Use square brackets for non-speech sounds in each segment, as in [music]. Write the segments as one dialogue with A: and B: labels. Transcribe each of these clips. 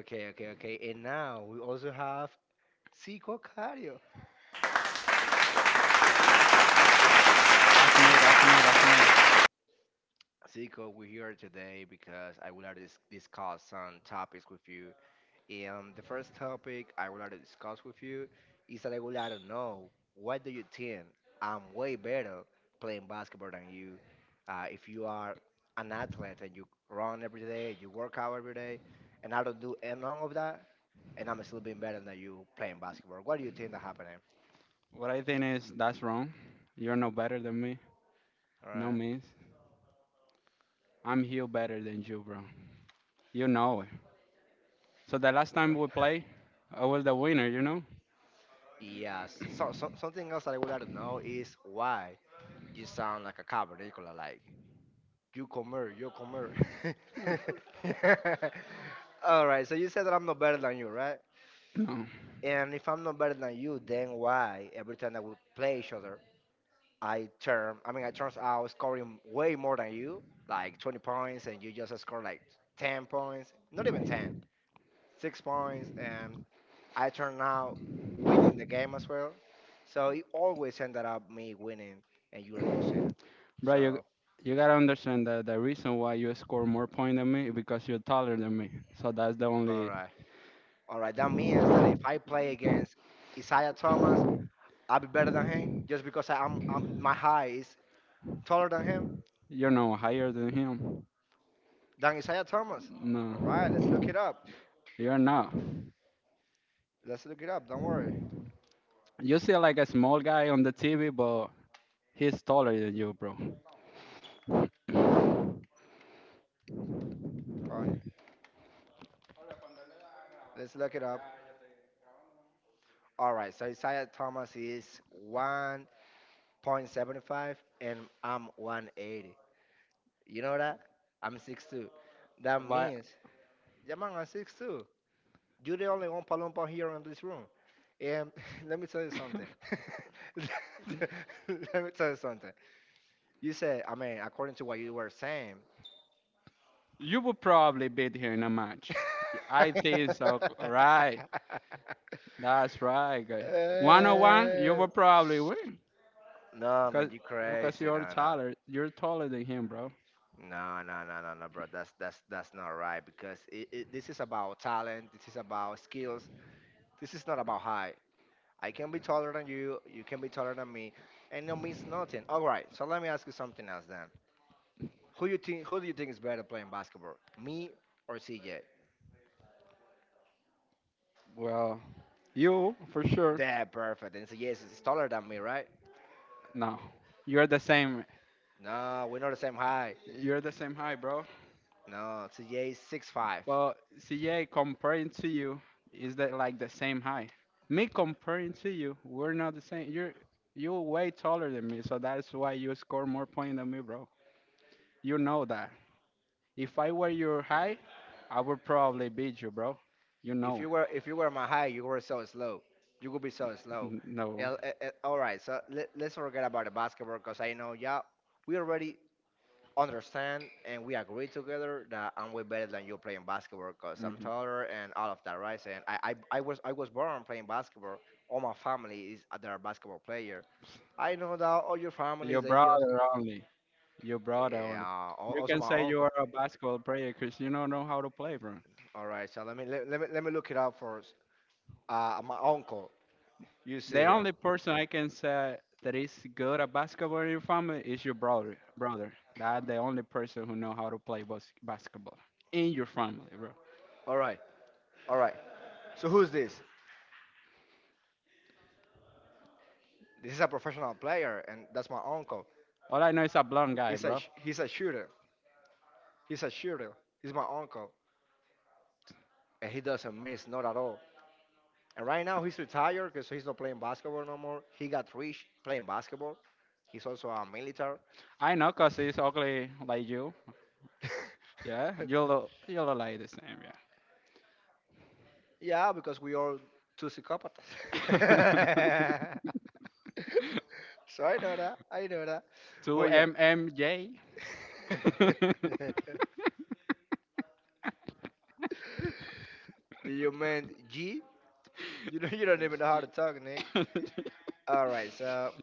A: Okay, okay, okay. And now we also have Zico Cario.
B: That's me, that's me, that's me.
A: Zico, we're here today because I would like to discuss some topics with you. And the first topic I would like to discuss with you is that I would like to know, what do you think? I'm way better playing basketball than you. If you are an athlete and you run every day, you work out every day, and I don't do any none of that, and I'm still being better than you playing basketball. What do you think that happening?
B: What I think is that's wrong. You're no better than me.
A: All
B: No
A: right.
B: means. I'm here better than you, bro. You know it. So the last time we played, I was the winner, you know? [clears throat]
A: Yes. So something else that I would like to know is why you sound like a cavernicola, like. You comer, you comer. [laughs] All right, so you said that I'm not better than you, right?
B: No.
A: And if I'm not better than you, then why every time that we play each other, I mean, I turns out scoring way more than you, like 20 points, and you just score like 10 points, not even 10, 6 points, and I turn out winning the game as well. So it always ended up me winning and you losing.
B: Bro, you
A: So,
B: you gotta understand that the reason why you score more points than me is because you're taller than me. So that's the
A: all
B: only.
A: right. All right, that means that if I play against Isaiah Thomas, I'll be better than him just because I, I'm my height is taller
B: You're no higher than him.
A: than Isaiah Thomas. All right, let's
B: No.
A: look it up.
B: You're not.
A: Let's look it up. Don't worry.
B: You see like a small guy on the TV, but he's taller than you, bro. [clears throat]
A: All right, let's look it up. All right, so Isaiah Thomas is 1.75 and I'm 180. You know that? I'm 6'2. That
B: But
A: means, yeah, man, I'm 6'2. You're the only one Palumpa here in this room. Um, [laughs] let me tell you something.
B: [laughs]
A: [laughs] let me tell you something. You said, I mean, according to what you were saying. [laughs]
B: you would probably beat her in a match. I think so. Right. That's right, guys. One on one, you
A: Uh,
B: would probably win.
A: no, man,
B: Cause,
A: you
B: because
A: crazy.
B: you're
A: No, no.
B: taller. You're taller than him, bro.
A: No, no, no, no, no, bro. That's not right because this is about talent. This is about skills. This is not about height. I can be taller than you. You can be taller than me, and it means nothing. All right. So let me ask you something else then. Who you think? Who do you think is better playing basketball, me or CJ?
B: Well, you for sure.
A: Yeah, perfect. And CJ is taller than me, right?
B: No. You're the same.
A: No, we're not the same height.
B: You're the same height, bro.
A: No, CJ is 6'5".
B: Well, CJ, comparing to you, is that like the same height? Me comparing to you, we're not the same. You're way taller than me, so that's why you score more points than me, bro. You know that. If I were your height, I would probably beat you, bro. You
A: If
B: know.
A: you were if you were my height, you were so slow. You would be so slow.
B: No.
A: All right, so let's forget about the basketball because I know, yeah, we already understand and we agree together that I'm way better than you playing basketball because I'm
B: Hmm.
A: taller and all of that, right? And I was born playing basketball. All my family is they're basketball players. I know that all your
B: Your
A: families,
B: brother only. Your brother only.
A: yeah, al-
B: You
A: also
B: can
A: my
B: say you
A: uncle.
B: are a basketball player because you don't know how to play, bro.
A: All right, so let me look it up first. My uncle, you see
B: The
A: him.
B: only person I can say that is good at basketball in your family is your brother. Brother. That's the only person who know how to play basketball in your family, bro.
A: All right, all right. So who's this? This is a professional player, and that's my uncle.
B: All I know is a blonde guy, bro.
A: He's a shooter. He's a shooter. He's my uncle, and he doesn't miss not at all. And right now he's retired because he's not playing basketball no more. He got rich playing basketball. He's also a military.
B: I know 'cause he's ugly like you. Yeah, you look like the same,
A: [laughs] Yeah, because we are two psychopaths. [laughs]
B: yeah. [laughs]
A: So I know that. I know that.
B: Two
A: But yeah.
B: MMJ. [laughs]
A: [laughs] Do you mean G? You don't even know how to talk, Nick. All right, so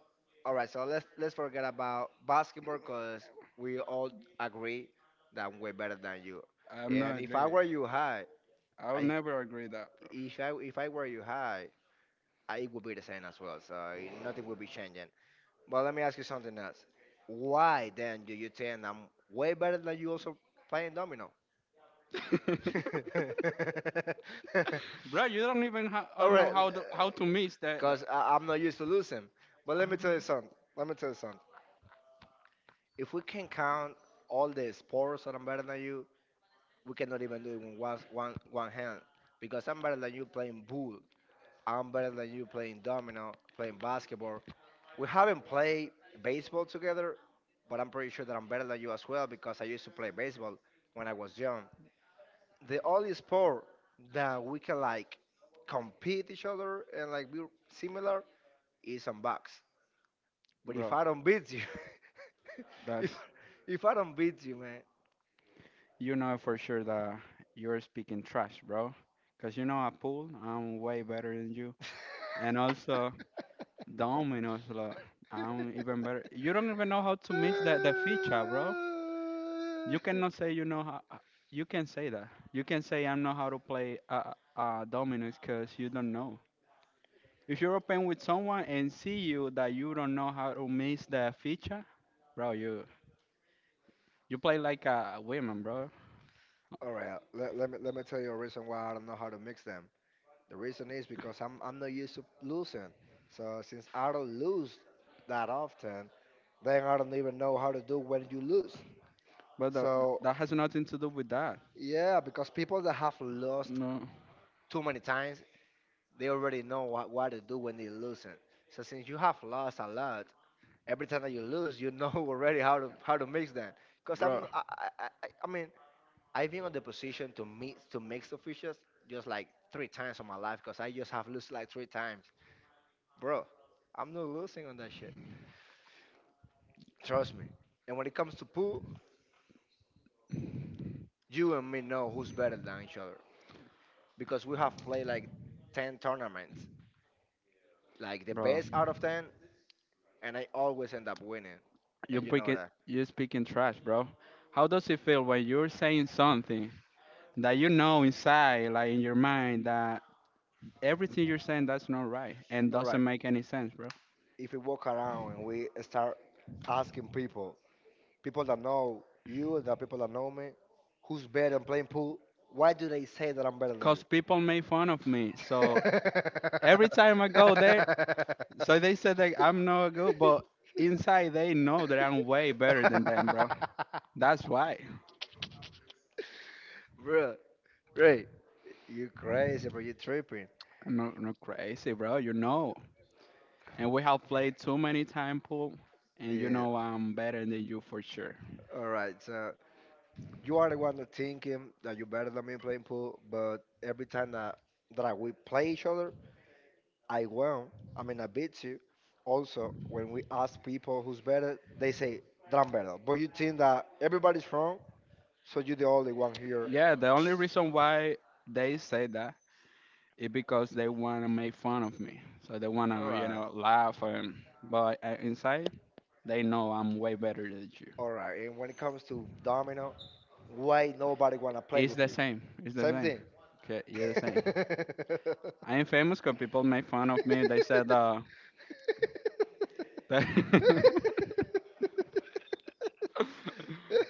A: all right, so let's forget about basketball because we all agree that I'm way better than you.
B: I'm
A: And
B: not
A: if I
B: agree.
A: were you high,
B: I'll
A: I,
B: never agree that,
A: if I if I were you high, I would be the same as well. So nothing will be changing. But let me ask you something else. Why then do you think I'm way better than you also playing domino?
B: bro.
A: [laughs]
B: [laughs] Bro, you don't even
A: All
B: know
A: right,
B: how to miss that.
A: because I'm not used to losing. But let me tell you
B: Oh.
A: something. Let me tell you something. If we can count all the sports that I'm better than you, we cannot even do it with one hand. Because I'm better than you playing pool. I'm better than you playing domino, playing basketball. We haven't played baseball together, but I'm pretty sure that I'm better than you as well because I used to play baseball when I was young. The only sport that we can like compete each other and like be similar is on box. But if
B: Bro,
A: I don't beat you, [laughs] if
B: that's
A: if I don't beat you, man.
B: you know for sure that you're speaking trash, bro. Cause you know I pool, I'm way better than you, and also Domino's, like, I'm even better. You don't even know how to miss that the feature,
A: [laughs]
B: bro. You cannot say you know how. You can say that. You can say I know how to play dominoes because you don't know. If you're open with someone and see you that you don't know how to miss the feature, bro, you play like a woman, bro.
A: All right, let me tell you a reason why I don't know how to mix them. The reason is because I'm not used to losing. So since I don't lose that often, then I don't even know how to do when you lose.
B: But tha-
A: So
B: that has nothing to do with that.
A: yeah, because people that have lost
B: No,
A: too many times, they already know what to do when they're losing. So since you have lost a lot, every time that you lose, [laughs] already how to mix them. Because
B: bro,
A: I mean I've been on the position to mix the fishes just like three times in my life because I just have lost like three times. Bro, I'm not losing on that shit. Trust me. And when it comes to pool, you and me know who's better than each other because we have played like 10 tournaments, like the
B: bro,
A: best out of 10, and I always end up winning.
B: you
A: And you know
B: speaking,
A: that.
B: you speaking trash, bro. How does it feel when you're saying something that you know inside, like in your mind, that everything you're saying that's not right and
A: All right.
B: doesn't make any sense, bro?
A: If we walk around and we start asking people, people that know you, the people that know me, who's better than playing pool, why do they say that I'm better than
B: Cause people made fun of me. So every time I go there, so they said that I'm not good,
A: you?
B: but inside they know that I'm way better than them,
A: [laughs]
B: bro.
A: [laughs]
B: That's why.
A: Bro, right. You crazy, bro. You tripping.
B: I'm not crazy, bro. You know, and we have played too many time pool, and you
A: Yeah.
B: know I'm better than you for sure.
A: All right. So you are the one that thinking that you better than me playing pool, but every time that we play each other, I won. I mean, I beat you. Also, when we ask people who's better, they say that I'm better. But you think that everybody's wrong, so you're the only one here.
B: Yeah, the only reason why they say that is because they wanna make fun of me. So they
A: All
B: wanna,
A: right.
B: laugh and. But inside, they know I'm way better than you.
A: All right. And when it comes to domino, why nobody wanna play
B: It's
A: with
B: the
A: you?
B: same. It's the
A: Same
B: same.
A: thing.
B: Okay, yeah, the same.
A: [laughs]
B: I am famous because people make fun of me. They said, that [laughs]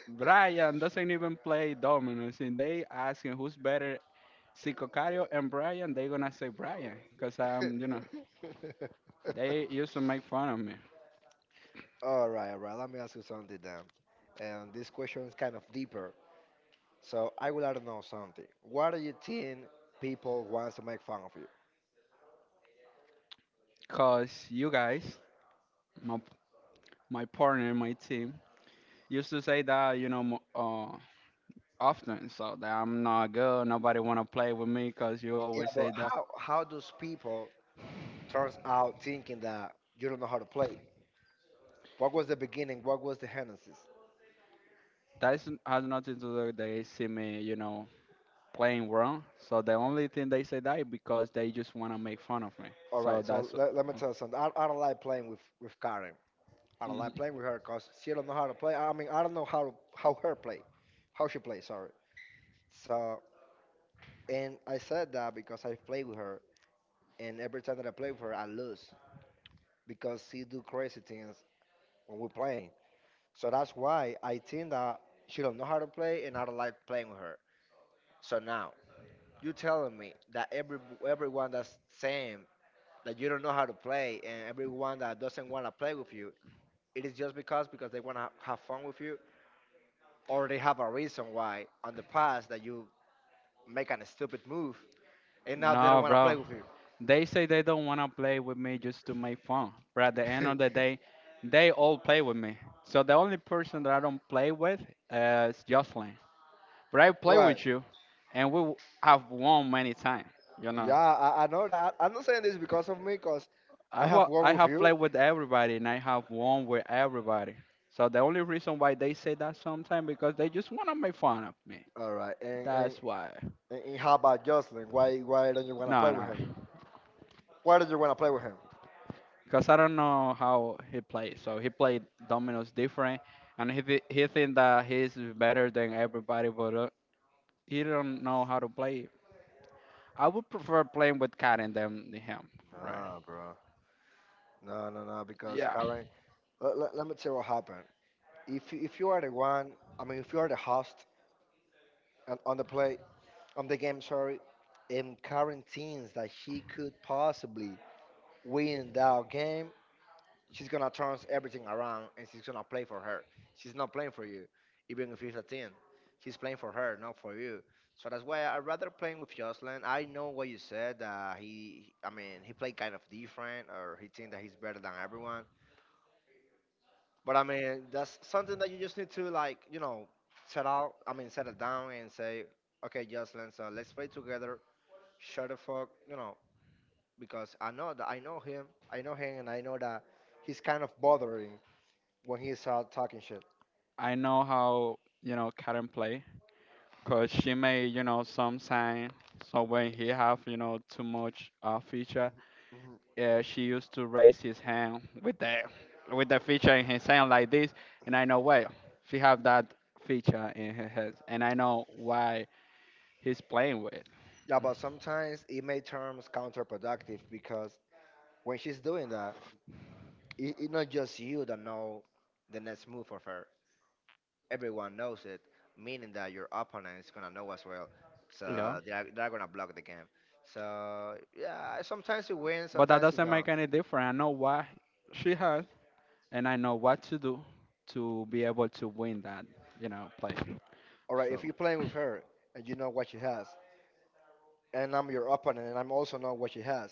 B: Brian doesn't even play dominoes. And they asking who's better, Sicocario and Brian. They gonna say Brian, cause they used to make fun of me,
A: All right, all right. Let me ask you something then. And this question is kind of deeper. So I would like to know something. What do you think people wants to make fun of you?
B: cause you guys, my my partner, my team, used to say that you know often, so that I'm not good. Nobody wanna play with me, cause you
A: Yeah,
B: always say
A: but
B: that
A: how does people turns out thinking that you don't know how to play? What was the beginning? What was the genesis?
B: has nothing to do. They see me, you know, playing wrong. So the only thing they say that is because they just wanna make fun of me.
A: All
B: So
A: right, so
B: that's.
A: let me tell you something. I don't like playing with Karen. I don't
B: Mm,
A: like playing with her because she don't know how to play. I mean, I don't know how she plays. Sorry. So, and I said that because I play with her, and every time that I play with her, I lose because she do crazy things when we playing. So that's why I think that she don't know how to play, and I don't like playing with her. So now you telling me that everyone that's saying that you don't know how to play, and everyone that doesn't want to play with you, it is just because they want to have fun with you. Or they have a reason why on the past that you make a stupid move and now they don't
B: no,
A: want to play
B: bro.
A: with you.
B: They say they don't wanna play with me just to make fun. But at the end of the
A: [laughs]
B: day, they all play with me. So the only person that I don't play with is Jocelyn. But I play
A: Right.
B: with you, and have won many times. You
A: Yeah,
B: know,
A: I know that. I'm not saying this because of me, because I have one
B: I
A: with
B: have
A: you.
B: played with everybody and I have won with everybody. So the only reason why they say that sometimes because they just wanna make fun of me.
A: All right. And, and,
B: That's why.
A: and, and how about Jocelyn? Why don't you want to
B: No,
A: play with
B: no,
A: him? Why don't you want to play with him?
B: because I don't know how he plays. So he played dominoes different, and he think that he's better than everybody, but he don't know how to play it. I would prefer playing with Karen than him. Right?
A: Nah, bro. No, no, no. Because
B: Yeah.
A: Karen, let me tell you what happened. If you are the one, I mean, if you are the host on the play on the game, sorry, and Karen thinks that she could possibly win that game, she's gonna turn everything around and she's gonna play for her. She's not playing for you, even if it's a team. She's playing for her, not for you. So that's why I rather playing with Jocelyn. I know what you said. I mean, he played kind of different, or he think that he's better than everyone. But I mean, that's something that you just need to like, set out. I mean, settle down and say, okay, Jocelyn, so let's play together. Shut the fuck, because I know that I know him, and I know that he's kind of bothering when he's talking shit.
B: I know how you know Karen play. Cause she made, some sign. So when he have, too much feature,
A: Mhm.
B: she used to raise his hand with the feature in his hand like this, and I know well she have that feature in her head, and I know why he's playing with.
A: Yeah, but sometimes it may turn counterproductive because when she's doing that, it's not just you that know the next move of her. Everyone knows it, meaning that your opponent is gonna know as well.
B: Yeah,
A: So they're gonna block the game. So yeah, sometimes you win,
B: but that
A: sometimes you
B: doesn't
A: don't.
B: make any difference. I know why she has, and I know what to do to be able to win that, play.
A: All right,
B: So
A: if you're playing with her and you know what she has, and I'm your opponent and I'm also know what she has,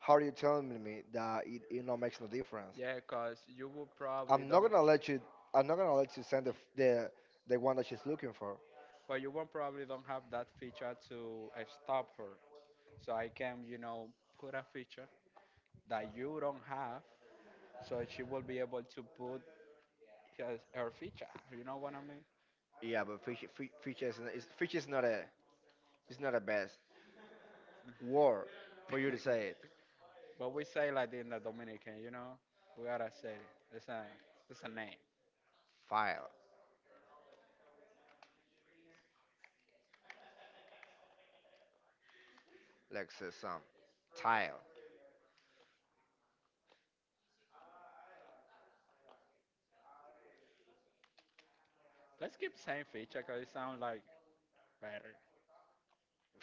A: how are you telling me that it not makes no difference?
B: yeah, cause you will probably
A: I'm not
B: don't.
A: gonna let you. I'm not gonna let you send the one that she's looking for.
B: But you won't probably don't have that feature to stop her. So I can, put a feature that you don't have, so she will be able to put her feature. You know what I mean?
A: Yeah, but fish fish is not a it's not a best word for you to say
B: [laughs]
A: it.
B: But we say like in the Dominican, we gotta say it. It's a name.
A: File, like say some tile.
B: Let's keep saying feature because it sounds like better.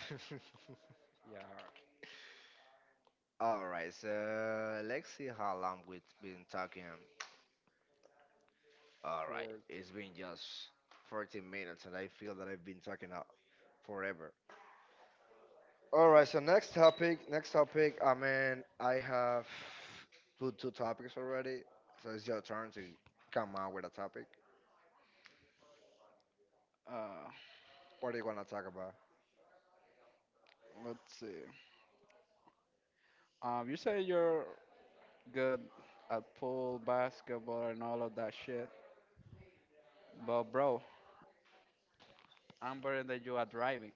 B: Like, yeah,
A: All
B: the
A: right, so let's see how long we've been talking. All right,
B: fourth.
A: it's been just 14 minutes, and I feel that I've been talking forever. All right. So next topic. Next topic. I mean, I have put two topics already. So it's your turn to come out with a topic.
B: Uh,
A: What are you gonna talk about?
B: let's see. You say you're good at pool, basketball, and all of that shit, but bro, I'm better than you at driving,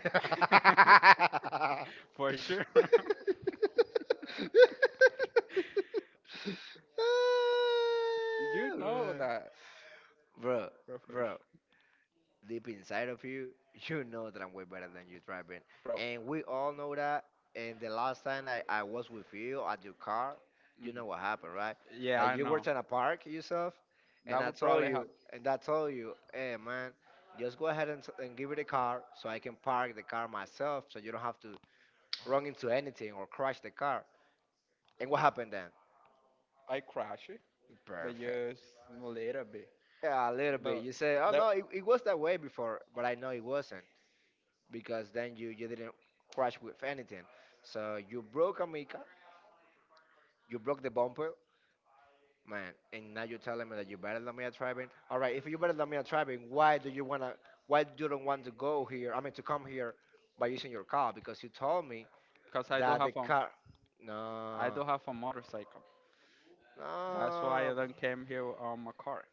B: [laughs]
A: [laughs]
B: for sure.
A: [laughs]
B: [laughs] You know
A: Ah,
B: that,
A: bro,
B: bro.
A: bro,
B: For
A: bro,
B: sure.
A: deep inside of you, [laughs] you know that I'm way better than you driving.
B: Bro.
A: And we all know that. And the last time I was with you at your car, you know what
B: Mhm.
A: happened, right?
B: Yeah,
A: That
B: I
A: you were
B: know.
A: trying to park yourself. And
B: That
A: I
B: would
A: told
B: probably have.
A: you, and I told you, hey, man, just go ahead and give me the car so I can park the car myself so you don't have to run into anything or crash the car. And what happened then?
B: I crash it, but
A: Perfect.
B: just a little bit.
A: Yeah, a little bit.
B: But
A: You say, oh,
B: that,
A: no, it was that way before, but I know it wasn't. Because then you didn't crash with anything. So you broke Amica, you broke the bumper, man, and now you're telling me that you're better than me at driving. All right, if you're better than me at driving, why do you wanna? Why do you don't want to go here? I mean, to come here by using your car because you told me
B: Cause I do
A: that the
B: have a,
A: car.
B: I
A: No,
B: do have a motorcycle. That's why I
A: no,
B: don't came here on my car.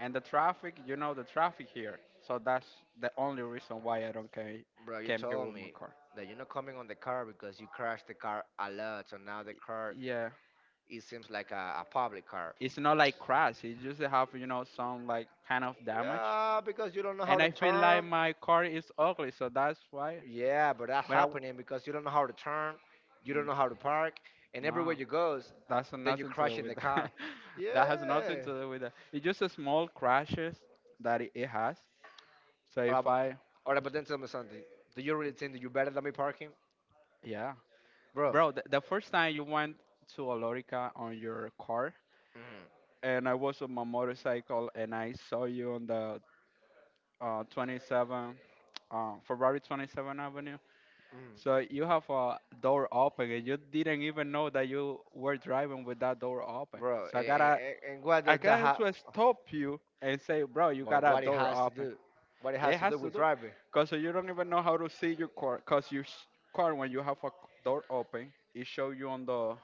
B: And the traffic, you know the traffic here. So that's the only reason why I don't came
A: bro, you
B: came here
A: told
B: with my
A: me
B: car.
A: that you're not coming on the car because you crashed the car a lot. So now the car
B: Yeah,
A: it seems like a public car.
B: it's not like crash. It just have some like kind of damage,
A: Yeah, because you don't know how
B: and
A: to
B: I feel like
A: turn.
B: my car is ugly, so that's why.
A: Yeah, but that's
B: But I,
A: happening because you don't know how to turn, you don't
B: mm,
A: know how to park, and
B: no,
A: everywhere you goes,
B: that's
A: then you
B: nothing to do
A: crash in the
B: with
A: car.
B: that. [laughs] That has nothing
A: Yeah.
B: to do with that. It's just a small crashes that it has. So
A: Or,
B: if
A: I-
B: I,
A: or I- but then tell me something. Do you really think that you better than me parking?
B: Yeah,
A: Bro.
B: bro, the first time you went to Olorica on your car,
A: Mm,
B: and I was on my motorcycle, and I saw you on the 27, Ferrari 27 Avenue. So you
A: mm.
B: have a door open and you didn't even know that you were driving with that door open.
A: Bro,
B: So I
A: and, and,
B: gotta
A: and and what
B: I
A: does that
B: gotta
A: have?
B: just stop you and say, bro, you
A: Well,
B: got
A: what
B: that
A: it
B: door
A: has to
B: open.
A: do? What it
B: It
A: has to
B: has
A: do
B: to
A: with
B: do
A: driving?
B: because you don't even know how to see your car because your car, when you have a door open, it show you on the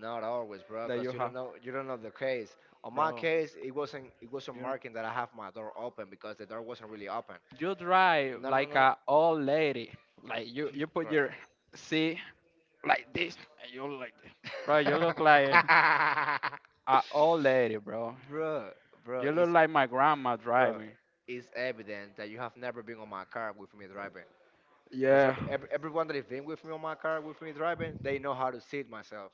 A: Not always, bro,
B: that you
A: because
B: have,
A: you don't know the case. On my
B: bro.
A: case, it wasn't
B: You know,
A: marking that I have my door open because the door wasn't really open.
B: you drive
A: No, no,
B: like
A: no, no.
B: a old lady. Like you
A: You
B: you put
A: cry.
B: your seat like this and you look like this. Bro, you look like [laughs] a old lady, bro.
A: [laughs] bro, bro,
B: You look
A: it's
B: like my grandma
A: bro,
B: driving.
A: it's evident that you have never been on my car with me driving. Cause
B: Yeah,
A: everyone that has been with me on my car with me driving, they know how to sit myself,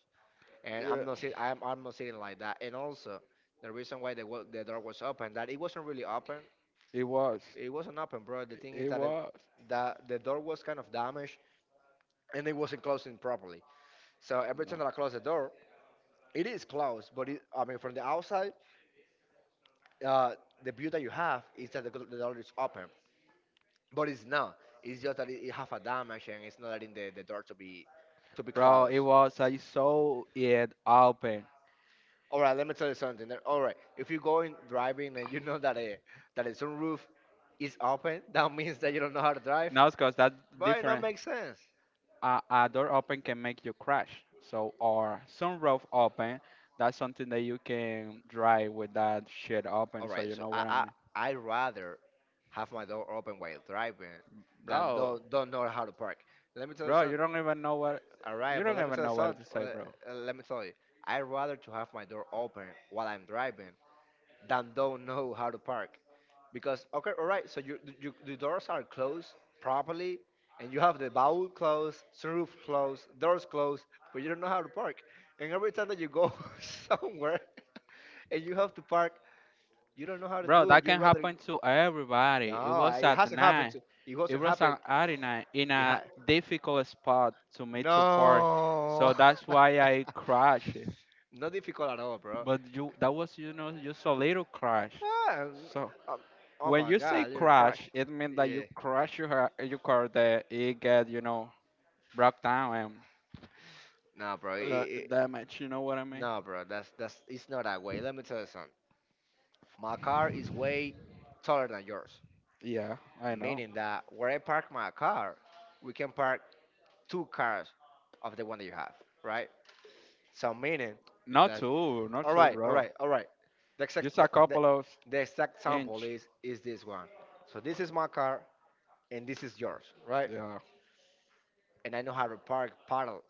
A: and
B: yeah,
A: I'm not sitting like that. And also, the reason why the door was open, that it wasn't really open.
B: it was.
A: It wasn't open, bro. The thing is
B: It
A: that it,
B: was.
A: that the door was kind of damaged and it wasn't closing properly. So every time
B: No.
A: that I close the door, it is closed, but it, I mean from the outside uh, the view that you have is that the door is open, but it's not. It's just that it have a damage and it's not letting the door to be
B: Bro, it
A: closed.
B: was, I saw it open.
A: All right, let me tell you something. There- All right, if you're going driving and you know that a sunroof is open, [laughs] that means that you don't know how to drive.
B: No, it's cause that's
A: Right, not
B: different.
A: makes sense.
B: A door open can make you crash. So or sunroof open, that's something that you can drive with that shit open.
A: All
B: So
A: right,
B: you
A: so
B: know what I
A: I
B: mean,
A: I I rather have my door open while driving than
B: bro.
A: don't know how to park. Let me tell you
B: Bro,
A: something. All right,
B: you
A: but
B: don't
A: let me
B: even
A: tell you
B: know what
A: something.
B: to say, bro.
A: Let me tell you, I'd rather to have my door open while I'm driving than don't know how to park. Because okay, all right, so you the doors are closed properly, and you have the bowl closed, sunroof closed, doors closed, but you don't know how to park. And every time that you go [laughs] somewhere and you have to park, you don't know how to
B: Bro,
A: do it.
B: that
A: You'd
B: can
A: rather
B: happen to
A: no,
B: everybody. It
A: I-
B: was
A: it
B: at
A: hasn't happened.
B: night.
A: To, it
B: It
A: hasn't
B: was
A: happened.
B: an arena in
A: It
B: a
A: ha-
B: difficult spot to make to park,
A: no,
B: so that's
A: [laughs]
B: why I crashed.
A: not difficult at all, bro.
B: That was just a little crash.
A: Ah,
B: So
A: um, oh
B: when
A: my
B: you say
A: God, you're a crush.
B: crash, it means that
A: Yeah.
B: you crash your your car that it get broke down
A: Nah, bro. It,
B: and
A: it,
B: damage. You know what I mean?
A: nah, bro. That's that's. It's not that way. Let me tell you something. My car is way taller than yours,
B: Yeah, I know.
A: meaning that where I park my car, we can park two cars of the one that you have, right? So meaning
B: Not
A: that.
B: too, not
A: All
B: too,
A: right, all
B: bro.
A: right, all right. The exact
B: Just a
A: the,
B: couple of
A: the exact sample
B: inch.
A: is this one. So this is my car and this is yours, right?
B: Yeah.
A: And I know how to park parallel.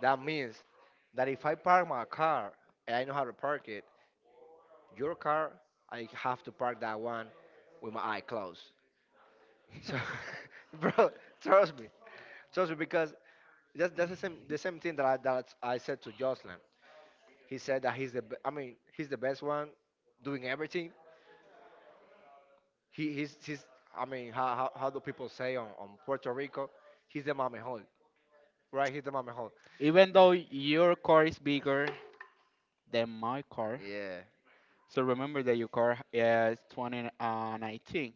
A: That means that if I park my car and I know how to park it, your car, I have to park that one with my eye closed. So, [laughs] bro, trust me, trust me, because that's the same thing that I said to Jocelyn. He said that he's the be- I mean he's the best one doing everything. He's I mean how do people say on Puerto Rico? He's the mommy right? He's the mommy.
B: Even though your car is bigger than my car.
A: Yeah,
B: So remember that your car is 2019,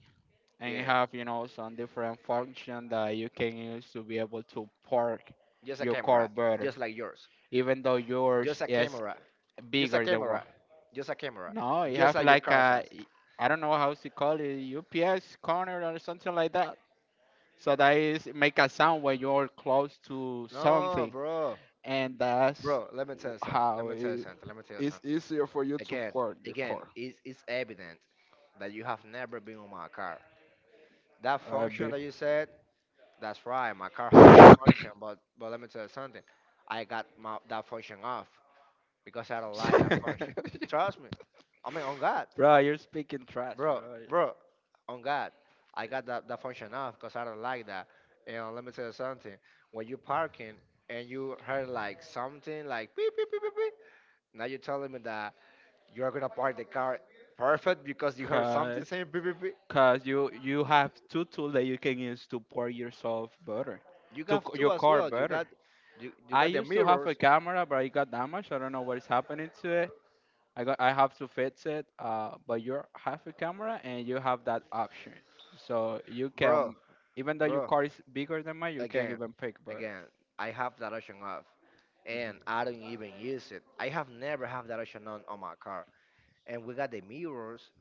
B: and you
A: yeah.
B: have, some different function that you can use to be able to park
A: Just a
B: your car
A: camera,
B: better,
A: just like yours.
B: even though
A: Just
B: yours
A: a
B: is
A: camera. Just a
B: bigger than one.
A: camera. Just a camera.
B: No, you
A: Just
B: have
A: like your
B: like
A: car says.
B: I don't know how to call it, UPS corner or something like that. So that is make a sound when you're close to
A: No,
B: something,
A: bro.
B: and
A: Bro, let me tell you something. Let
B: how
A: me tell you
B: it,
A: something. Let me tell you
B: it's
A: something.
B: easier for you to
A: Again,
B: park your
A: again,
B: car.
A: it's evident that you have never been on my car. That
B: I
A: function that you said, that's right. My car have that
B: bet.
A: function, but let me tell you something. I got my that function off because I don't like that function.
B: [laughs]
A: Trust me. I mean, on God.
B: Bro, you're speaking trash,
A: bro,
B: bro.
A: bro, on God, I got that function off because I don't like that. And let me tell you something. When you parking and you heard like something like beep, beep, beep, beep, beep, now you're telling me that you're going to park the car perfect because you heard
B: Cause,
A: something saying beep, beep, beep.
B: cause you have two tools that you can use to pour yourself butter,
A: You
B: to
A: got two
B: your
A: as
B: car
A: well.
B: butter.
A: You
B: I
A: got the
B: used to have a
A: mirrors.
B: camera, but it got damaged. I don't know what is happening to it. I have to fix it. But you have a camera and you have that option, so you
A: Bro,
B: can even though your
A: bro,
B: car is bigger than mine, you can
A: again,
B: even pick butter.
A: again, I have that option off and I don't even use it. I have never have that option on my car. And we got the mirrors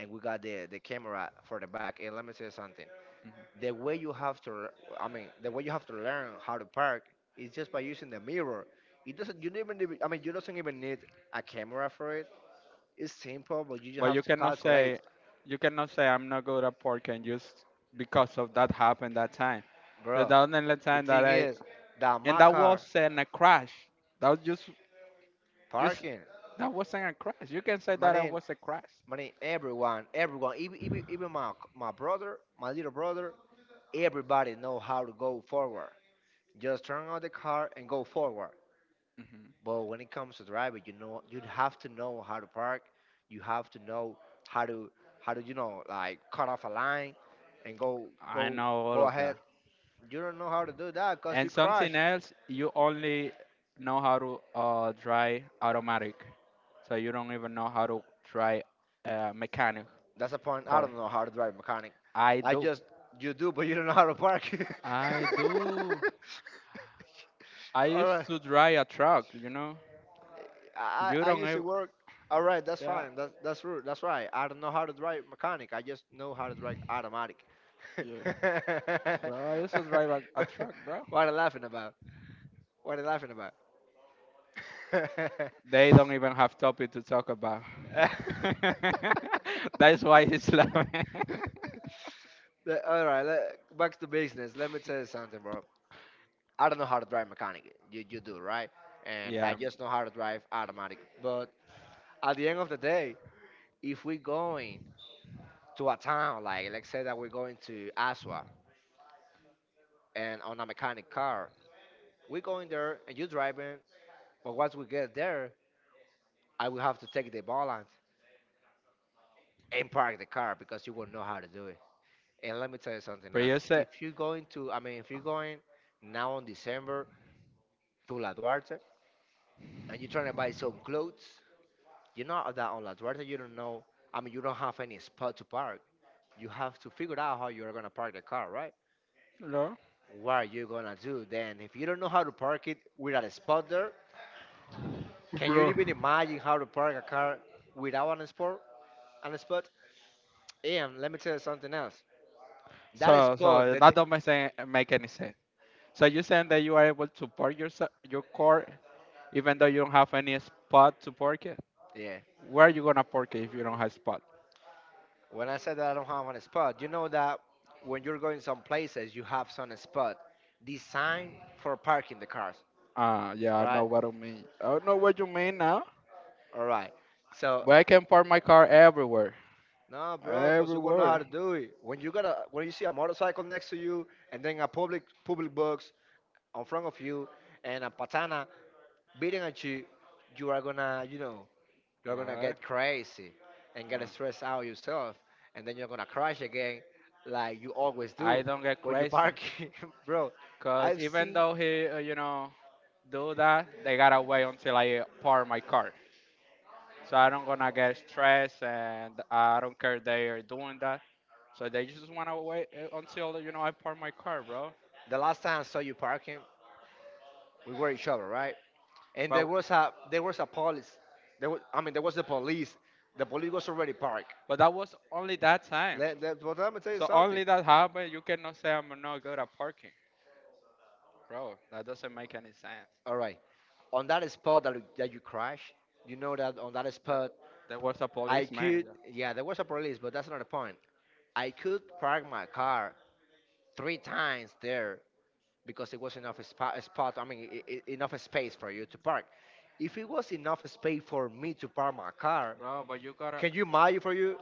A: and we got the camera for the back. And let me say something:
B: Mm-hmm.
A: the way you have to, r- I mean, the way you have to learn how to park is just by using the mirror. It doesn't. You don't even need- I mean, you don't even need a camera for it. It's simple, but you just
B: But
A: have
B: you
A: to
B: cannot
A: calculate,
B: say You cannot say I'm not good at pork and just because of that happened that time. So
A: bro.
B: that was the only
A: The
B: time that
A: thing
B: I
A: is that
B: and
A: my
B: that
A: car
B: wasn't a crash. That was just
A: parking,
B: that wasn't a crash. You can say
A: my
B: that it
A: name,
B: was a crash.
A: my name, everyone, even my brother, my little brother, everybody know how to go forward. Just turn on the car and go forward.
B: Hmm.
A: But when it comes to driving, you know, you'd have to know how to park. You have to know how to how to you know like cut off a line and
B: I know all
A: go
B: of
A: ahead.
B: that.
A: You don't know how to do that because you
B: And
A: crash.
B: something else, you only know how to drive automatic, so you don't even know how to dry mechanic
A: That's the point. I
B: car.
A: don't know how to drive mechanic.
B: I
A: I
B: do.
A: just you do, but you don't know how to park.
B: I
A: [laughs]
B: do. I
A: All
B: used
A: right.
B: to dry a truck, you know. You
A: I
B: don't
A: used to
B: even.
A: work. All right, that's
B: Yeah.
A: fine. That's rude. That's right. I don't know how to drive mechanic. I just know how to drive automatic. [laughs]
B: Yeah.
A: what
B: Bro, I used to drive a truck, bro.
A: are you laughing about? What are you laughing about? [laughs]
B: They don't even have topic to talk about. [laughs] That's why he's laughing.
A: Le- All right, let, back to business. Let me tell you something, bro. I don't know how to drive mechanic. You do right,
B: [laughs]
A: and I
B: Yeah.
A: just know how to drive automatic. But at the end of the day, if we're going to a town, like let's say that we're going to Asua and on a mechanic car. We go in there and you driving, but once we get there, I will have to take the balance and park the car because you will know how to do it. And let me tell you something
B: But you
A: else.
B: said
A: If you're going to, if you're going now on December to La Duarte, and you're trying to buy some clothes. You know that on La Duarte you don't know, you don't have any spot to park. You have to figure out how you're going to park the car, right?
B: no.
A: What are you going to do then? If you don't know how to park it without a spot there, can you
B: Bro.
A: even imagine how to park a car without an spot? An spot? And let me tell you something else. That
B: So
A: spot,
B: so
A: that
B: that don't make any sense. So you saying that you are able to park your car even though you don't have any spot to park it?
A: yeah.
B: Where are you gonna park it if you don't have spot?
A: When I said that I don't have an spot, you know that when you're going some places, you have some spot designed for parking the cars,
B: Ah, yeah, I know
A: right?
B: what I mean. I know what you mean now.
A: All right. So
B: But I can park my car everywhere.
A: no, bro, cause you gonna know how
B: Everywhere.
A: to do it. When you got a, when you see a motorcycle next to you, and then a public box in front of you, and a patana beating at you, you are gonna, you're gonna
B: Right.
A: get crazy and get
B: No.
A: stressed out yourself, and then you're gonna crash again, like you always
B: I
A: do
B: don't get
A: when you
B: crazy
A: park, [laughs] bro.
B: because
A: I've
B: even
A: seen
B: though he, you know, do that, they gotta wait until I park my car. So I don't gonna get stressed, and I don't care they are doing that. So they just wanna wait until you know I park my car, bro.
A: the last time I saw you parking, we were each other, right? And there
B: But
A: was a there was a police. There was, there was the police. The police was already parked.
B: but that was only that time.
A: But let me tell you
B: So
A: something.
B: only that happened. You cannot say I'm not good at parking, bro. That doesn't make any sense.
A: All right, on that spot that that you crash, you know that on that
B: That,
A: spot
B: there was a
A: I
B: policeman,
A: could, yeah, there was a police, but that's not the point. I could park my car three times there because it was enough spot. Enough space for you to park. If it was enough space for me to park my car,
B: bro. But you gotta.
A: can you imagine for you?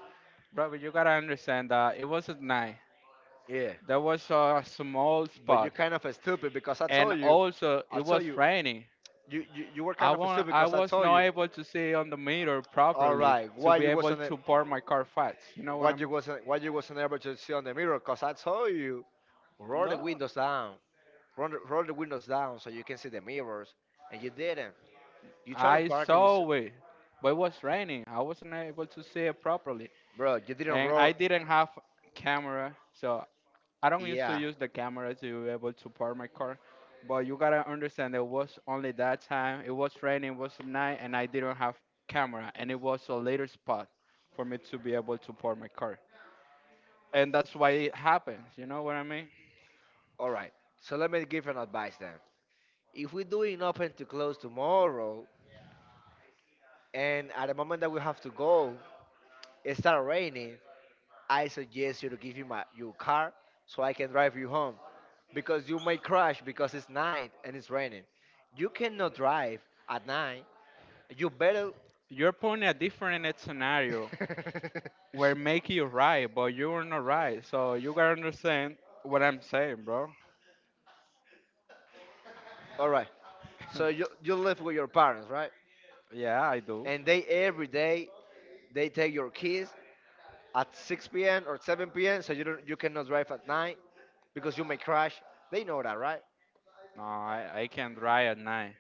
B: Bro, but you gotta understand that it was at night.
A: Yeah,
B: There was a small
A: but you're
B: spot,
A: kind of stupid because
B: and also it
A: I
B: was
A: told you,
B: raining.
A: you were kind of stupid
B: I
A: because I
B: was
A: told
B: not
A: you.
B: able to see on the meter
A: All
B: properly
A: right,
B: to be able to park my car fast. You know what I'm?
A: why you wasn't able to see on the mirror? Cause I told you, roll the
B: No,
A: windows down, roll the windows down so you can see the mirrors, and you didn't. You try to
B: I
A: park and
B: saw it, but it was raining. I wasn't able to see it properly,
A: bro, you didn't
B: and
A: roll.
B: I didn't have camera, so I don't used to
A: Yeah,
B: use the camera to be able to park my car, but you gotta understand it was only that time. It was raining, it was night, and I didn't have camera, and it was a later spot for me to be able to park my car, and that's why it happens. You know what I mean?
A: all right. So let me give an advice then. If we are doing open to close tomorrow, and at the moment that we have to go, it start raining. I suggest you to give me your car so I can drive you home because you may crash because it's night and it's raining. You cannot drive at night. You better.
B: You're putting a different scenario where
A: [laughs]
B: make you right, but you were not right, so you gotta understand what I'm saying, bro.
A: All right. So
B: [laughs]
A: you live with your parents, right?
B: Yeah, I do.
A: And they every day they take your keys at 6 p.m. or 7 p.m. So you don't, you cannot drive at night, because you may crash. They know that, right? [laughs]
B: No, I can drive at night.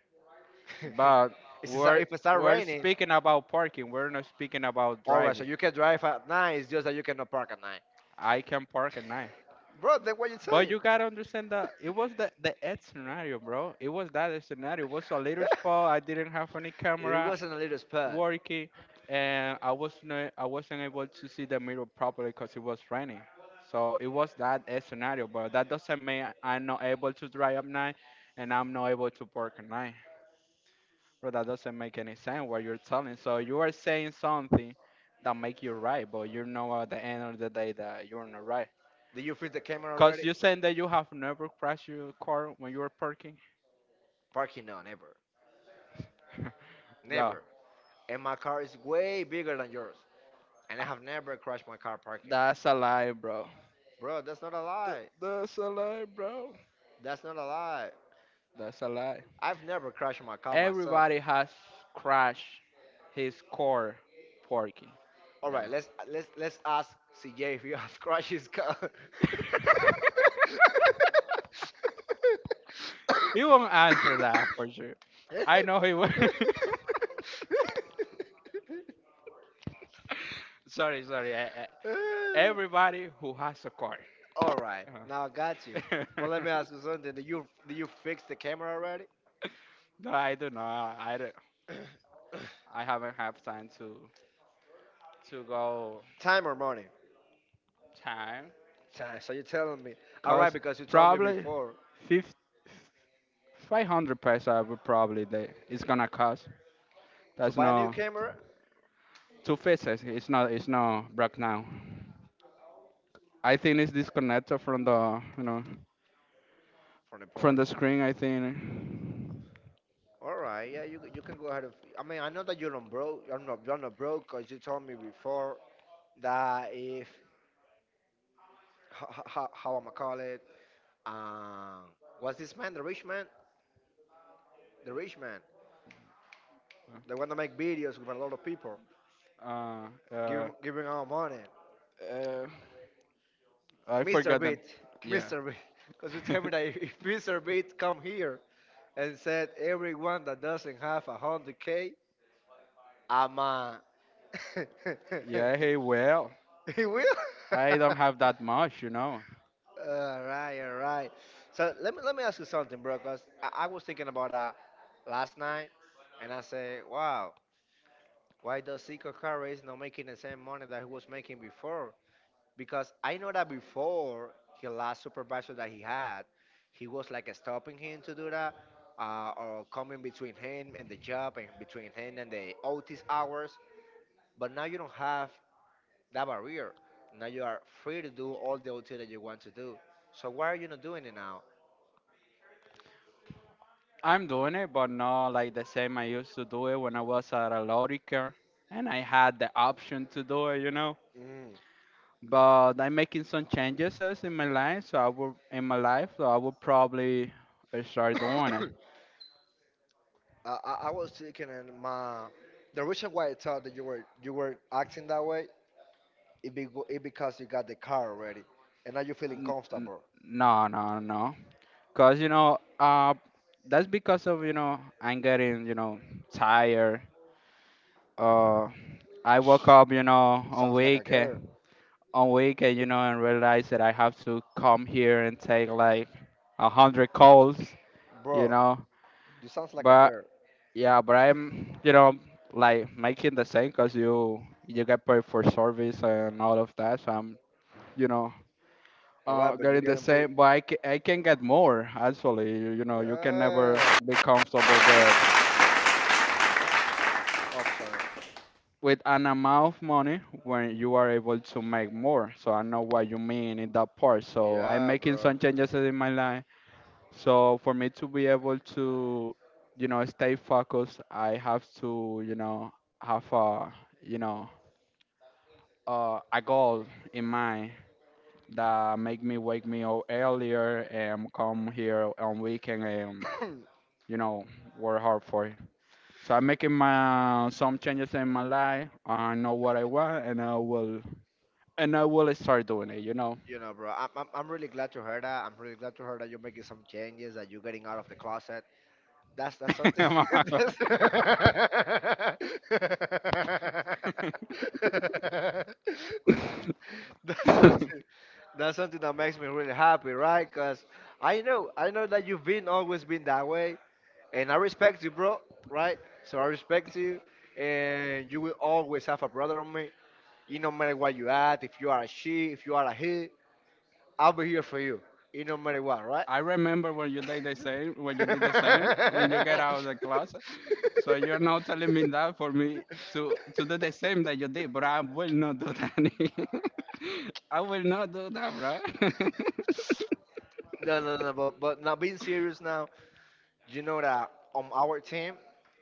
B: But
A: It's just
B: we're
A: if it starts
B: we're
A: raining,
B: speaking about parking. We're not speaking about
A: all right, so
B: driving.
A: you can drive at night. It's just that you cannot park at night.
B: I can park at night.
A: Bro, then what you
B: But
A: saying?
B: you gotta understand that it was the ad scenario, bro. It was that scenario. It was a little spot. I
A: [laughs]
B: didn't have any
A: it
B: camera
A: wasn't a little spot.
B: working, and I wasn't able to see the mirror properly because it was raining. So it was that ad scenario, but that doesn't mean I'm not able to drive at night, and I'm not able to park at night. Well, that doesn't make any sense what you're telling. So you are saying something that make you right, but you know at the end of the day that you're not right.
A: Did you freeze the camera
B: Cause
A: already?
B: you saying that you have never crashed your car when you were parking,
A: Parking, no, never.
B: bro.
A: Never. And my car is way bigger than yours. And I have never crashed my car parking.
B: That's a lie, bro.
A: Bro, that's not a lie.
B: That's a lie, bro.
A: That's not a lie.
B: That's a lie.
A: I've never crashed my car myself.
B: Everybody has crashed his car parking.
A: All
B: That-
A: right, let's ask CJ if you have crashed [laughs] his car.
B: [laughs] He won't answer that for sure. I know he will. [laughs] Sorry, sorry. I, everybody who has a car.
A: All right, now I got you.
B: Uh,
A: But let me ask you
B: [laughs]
A: something. Did you fix the camera already?
B: no, I do not.
A: [clears throat]
B: I haven't have time to go
A: Time or money?
B: time
A: Time. So you're telling me. All right,
B: because
A: because you told me
B: probably
A: before
B: 50, 500 pesos would probably they, it's gonna cost.
A: to
B: That's
A: buy a new
B: no
A: camera
B: two fixes. It's not broke now. I think it's disconnected from the you know
A: from the
B: from
A: port.
B: the screen. I think.
A: All right, yeah, you can go ahead. And, I know that you're not broke. You're not broke because you told me before that if how am I call it? Um, what's this man? The rich man? The rich man? The one that make videos with a lot of people,
B: Uh, uh,
A: giving out money.
B: uh, I
A: Mr.
B: forgot them.
A: Beat,
B: Yeah.
A: Mr. Beat, because you tell me that
B: [laughs]
A: if Mr. Beat come here and said everyone that doesn't have 100K, I'm [laughs]
B: Yeah. Hey, well.
A: he will.
B: I don't have
A: [laughs]
B: that much, you know.
A: All right, all right. So let me ask you something, bro. Cause I was thinking about that last night, and I say, "Wow, why does Zico Carrera is not making the same money that he was making before?" Because I know that before his last supervisor that he had, he was like stopping him to do that, or coming between him and the job, and between him and the OT hours. But now you don't have that barrier. Now you are free to do all the OT that you want to do. So why are you not doing it now?
B: I'm doing it, but not like the same I used to do it when I was at a Lorica and I had the option to do it, you know.
A: Mm.
B: But I'm making some changes as in my life, so I will in my life, so I will probably start doing it.
A: I was thinking, and my the reason why I thought that you were acting that way it be it because you got the car already, and now you're feeling
B: N- n-
A: comfortable.
B: no, no, no, because you know, that's because of you know I'm getting you know tired. Uh, I woke up, you know, on
A: Sounds like a girl,
B: weekend. On weekend, you know, and realize that I have to come here and take like 100 calls, you
A: bro.
B: know.
A: You sounds like a
B: But
A: girl.
B: yeah, but I'm, you know, like making the same because you get paid for service and all of that. So I'm, you know,
A: All right, but you're
B: getting the
A: getting paid.
B: same, but I can get more actually. You know, you can never
A: Yeah.
B: be comfortable
A: Oh, I'm sorry.
B: with an amount of money when you are able to make more. So I know what you mean in that part. So I'm
A: Yeah,
B: making
A: bro.
B: some changes in my life. So for me to be able to, you know, stay focused, I have to, you know, have a, you know, a goal in mind that make me wake me up earlier and come here on weekend and, you know, work hard for it. So I'm making my some changes in my life. I know what I want, and and I will start doing it. You know.
A: You know, bro. I'm really glad to hear that. I'm really glad to hear that you're making some changes. That you're getting out of the closet. That's something. [laughs] that's
B: [laughs] [laughs]
A: [laughs] that's something. That's something that makes me really happy, right? Cause I know that you've been always been that way, and I respect you, bro. Right? So I respect you, and you will always have a brother on me. It no matter what you at, if you are a she, if you are a he, I'll be here for you. It no matter what, right?
B: I remember when you did the same, when you get out of the class. So you're now telling
A: [laughs]
B: me that for me to do the same that you did, but I will not do that. [laughs] I will not do that, bro.
A: No, no, no, but now being serious now, you know that on our team,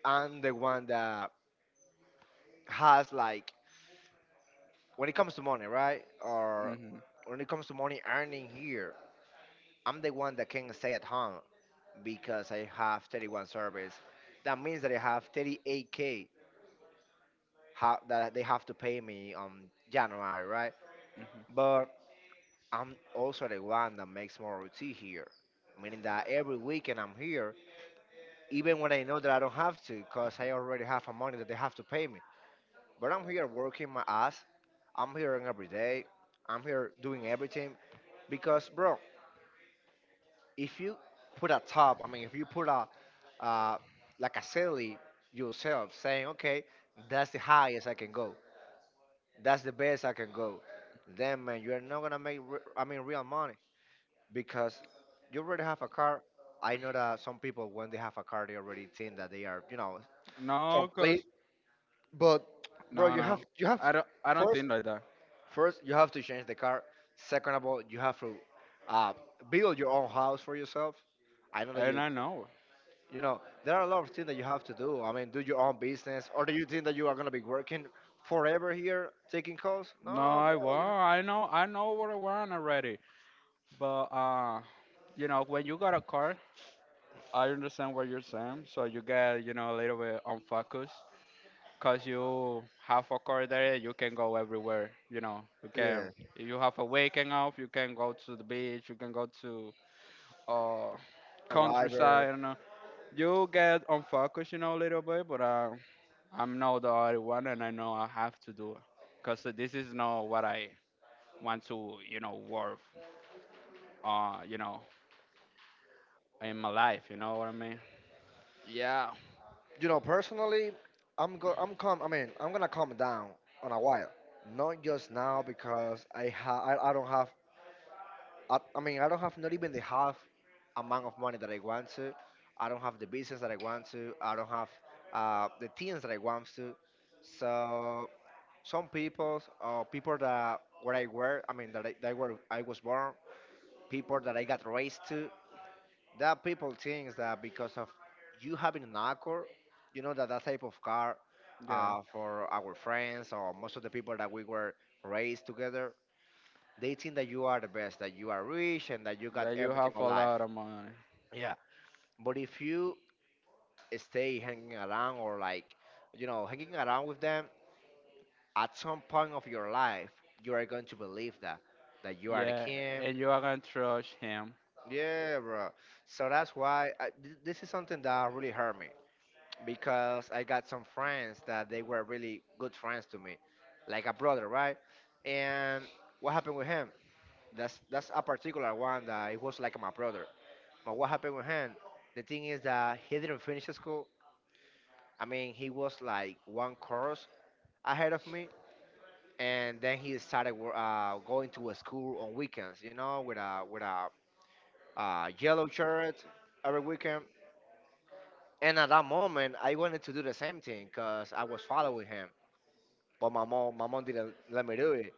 A: I'm the one that has like when it comes to money, right?
B: [laughs]
A: Or
B: Hmm.
A: when it comes to money earning here, I'm the one that can stay at home because I have 31 service. That means that I have 38k that they have to pay me on January, right? But I'm also the one that makes more OT here, meaning that every weekend I'm here even when I know that I don't have to, because I already have a money that they have to pay me. But I'm here working my ass. I'm here every day. I'm here doing everything because, bro, if you put a top, if you put a uh, like a silly yourself saying, okay, that's the highest I can go, that's the best I can go, then man, you're not gonna make, real money because you already have a car. I know that some people when they have a car, they already think that they are, you know,
B: No,
A: complete.
B: cause
A: But bro,
B: no, no,
A: you have
B: I don't
A: first
B: think like that.
A: first you have to change the car. Second of all, you have to uh, build your own house for yourself. I know that
B: And I know,
A: you know there are a lot of things that you have to do. Do your own business, or do you think that you are gonna be working forever here taking calls?
B: no,
A: No, bro. You know,
B: I know what I want already. But you know, when you got a car, I understand what you're saying. So you get, you know, a little bit unfocused. Cause you have a car there, you can go everywhere. You know, you can.
A: yeah,
B: If you have a weekend off, you can go to the beach. You can go to uh
A: arriver.
B: countryside. You know, you get unfocused, you know, a little bit. But I'm not the only one, and I know I have to do it. Cause this is not what I want to, you know, work. You know, in my life. You know what I mean? Yeah,
A: You know, personally, I'm calm. I'm gonna calm down on a while. Not just now because I don't have I don't have not even the half amount of money that I want to. I don't have the business that I want to. I don't have the teams that I want to. So some people, people that that where I was born, people that I got raised to, that people thinks that because of you having an Accord, you know that that type of car,
B: yeah.
A: for our friends or most of the people that we were raised together, they think that you are the best, that you are rich, and that you got
B: That you
A: everything
B: have
A: in
B: a
A: life.
B: lot of money.
A: Yeah. But if you stay hanging around or like, you know, hanging around with them, at some point of your life, you are going to believe that that you are the
B: Yeah,
A: king.
B: and you are gonna trust him.
A: Yeah, bro. So that's why this is something that really hurt me because I got some friends that they were really good friends to me, like a brother, right? And what happened with him? That's a particular one that it was like my brother. But what happened with him? The thing is that he didn't finish school. He was like one course ahead of me, and then he started going to a school on weekends. You know, with a yellow shirt every weekend. And at that moment, I wanted to do the same thing because I was following him. But my mom didn't let me do it.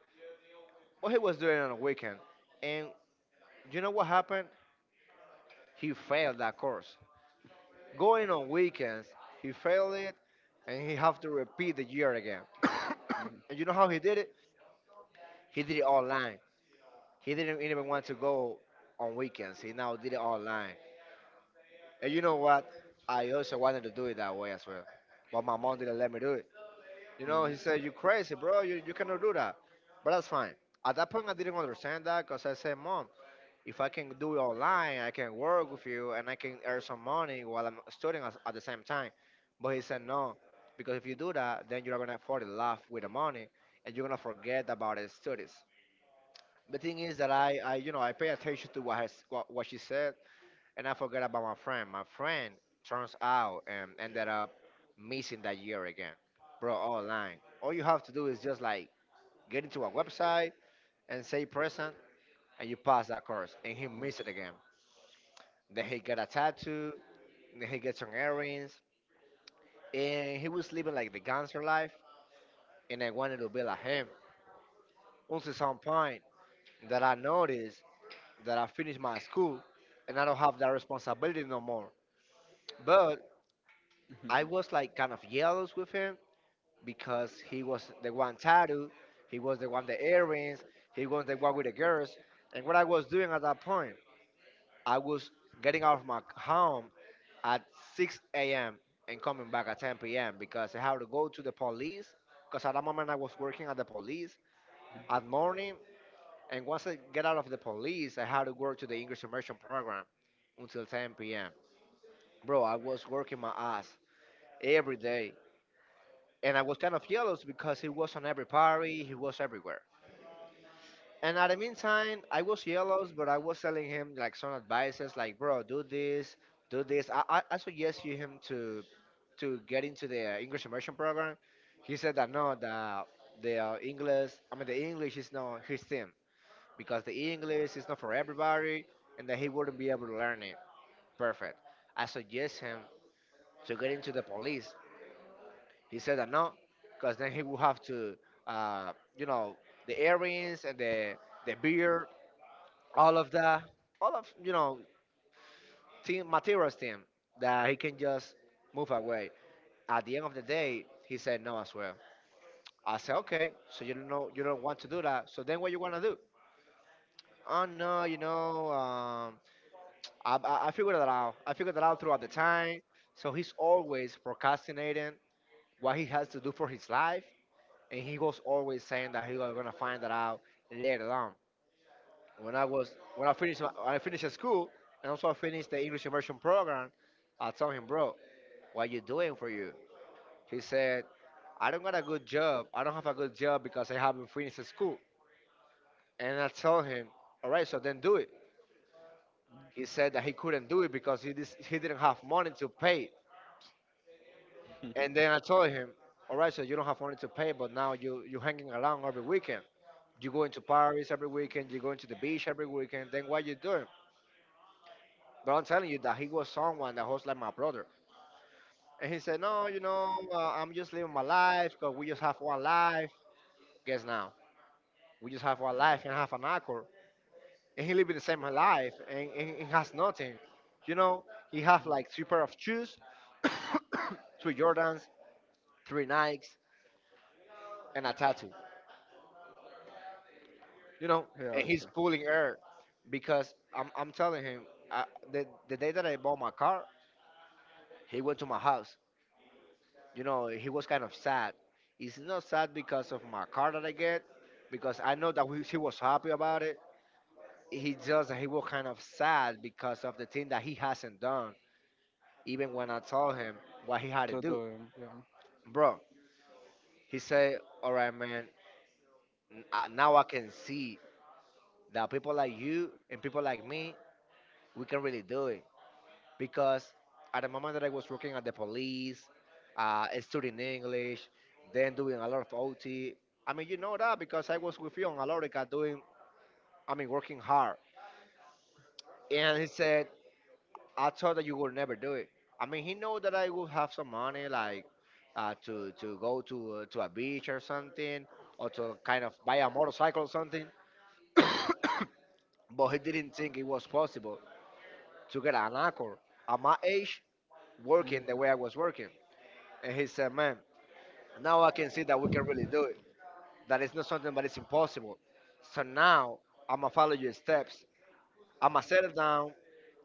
A: But he was doing it on a weekend, and you know what happened? He failed that course. Going on weekends, he failed it, and he have to repeat the year again. [coughs] And you know how he did it? He did it online. He didn't even want to go on weekends. He now did it online. And you know what? I also wanted to do it that way as well, but my mom didn't let me do it. You know,
B: Mhm.
A: he said, "You crazy, bro? You cannot do that." But that's fine. At that point, I didn't understand that because I said, "Mom, if I can do it online, I can work with you and I can earn some money while I'm studying at the same time. But he said no, because if you do that, then you're gonna fall in love with the money and you're gonna forget about the studies." The thing is that I I pay attention to what she said and I forget about my friend. My friend turns out and ended up missing that year again, bro. Online, all you have to do is just like get into a website and say present, and you pass that course, and he missed it again. Then he got a tattoo. Then he got some earrings. And he was living like the gangster life. And I wanted to be like him. Until some point that I noticed that I finished my school and I don't have that responsibility no more. But I was like kind of jealous with him because he was the one tattoo. He was the one the earrings. He was the one with the girls. And what I was doing at that point, I was getting out of my home at 6 a.m. and coming back at 10 p.m. because I had to go to the police. Because at that moment I was working at the police at morning, and once I get out of the police, I had to work to the English immersion program until 10 p.m. Bro, I was working my ass every day, and I was kind of jealous because he was on every party, he was everywhere. And at the meantime, I was jealous, but I was telling him like some advices, like bro, do this, do this. I suggest you him to get into the English immersion program. He said that no, the English, I mean, the English is not his thing because the English is not for everybody, and that he wouldn't be able to learn it. Perfect. I suggest him to get into the police. He said that no, because then he will have to, you know, the earrings and the beer, all of that, all of, you know, team materials team that he can just move away. At the end of the day, he said no as well. I said, okay, so you don't know, you don't want to do that. So then, what you wanna do? Oh no, you know, I figured that out. I figured that out throughout the time. So he's always procrastinating what he has to do for his life, and he was always saying that he was gonna find that out later on. When I was when I finished my, when I finished school and also I finished the English immersion program, I told him, bro, what you doing for you? He said, I don't got a good job. I don't have a good job because I haven't finished school. And I told him, all right, so then do it. He said that he couldn't do it because he didn't have money to pay.
B: Mhm.
A: And
B: [laughs]
A: then I told him, all right, so you don't have money to pay, but now you're hanging around every weekend. You're going to Paris every weekend. You're going to the beach every weekend. Then what you doing? But I'm telling you that he was someone that was like my brother. And he said, no, you know, I'm just living my life because we just have one life. Guess now, we just have one life and half an hour. And he living the same life, and he has nothing. You know, he have like three pair of shoes, [coughs] three Jordans, three Nikes, and a tattoo. You know,
B: Yeah,
A: and
B: he's a.
A: he's pulling air because I'm telling him uh, the day that I bought my car, he went to my house. You know, he was kind of sad. He's not sad because of my car that I get, because I know that he was happy about it. He was kind of sad because of the thing that he hasn't done. Even when I told him what he had to
B: To do
A: do,
B: it, yeah.
A: bro. He said, "All right, man. Now I can see that people like you and people like me, we can really do it." Because at the moment that I was working at the police, studying English, then doing a lot of OT. I mean, you know that because I was with you on Alorica doing. I mean, working hard. And he said, "I thought that you would never do it." I mean, he know that I would have some money, like to go to a beach or something, or to kind of buy a motorcycle or something. But he didn't think it was possible to get an accord at my age working the way I was working. And he said, man, now I can see that we can really do it. That it's not something that is impossible. So now I'm gonna follow your steps. I'm gonna settle down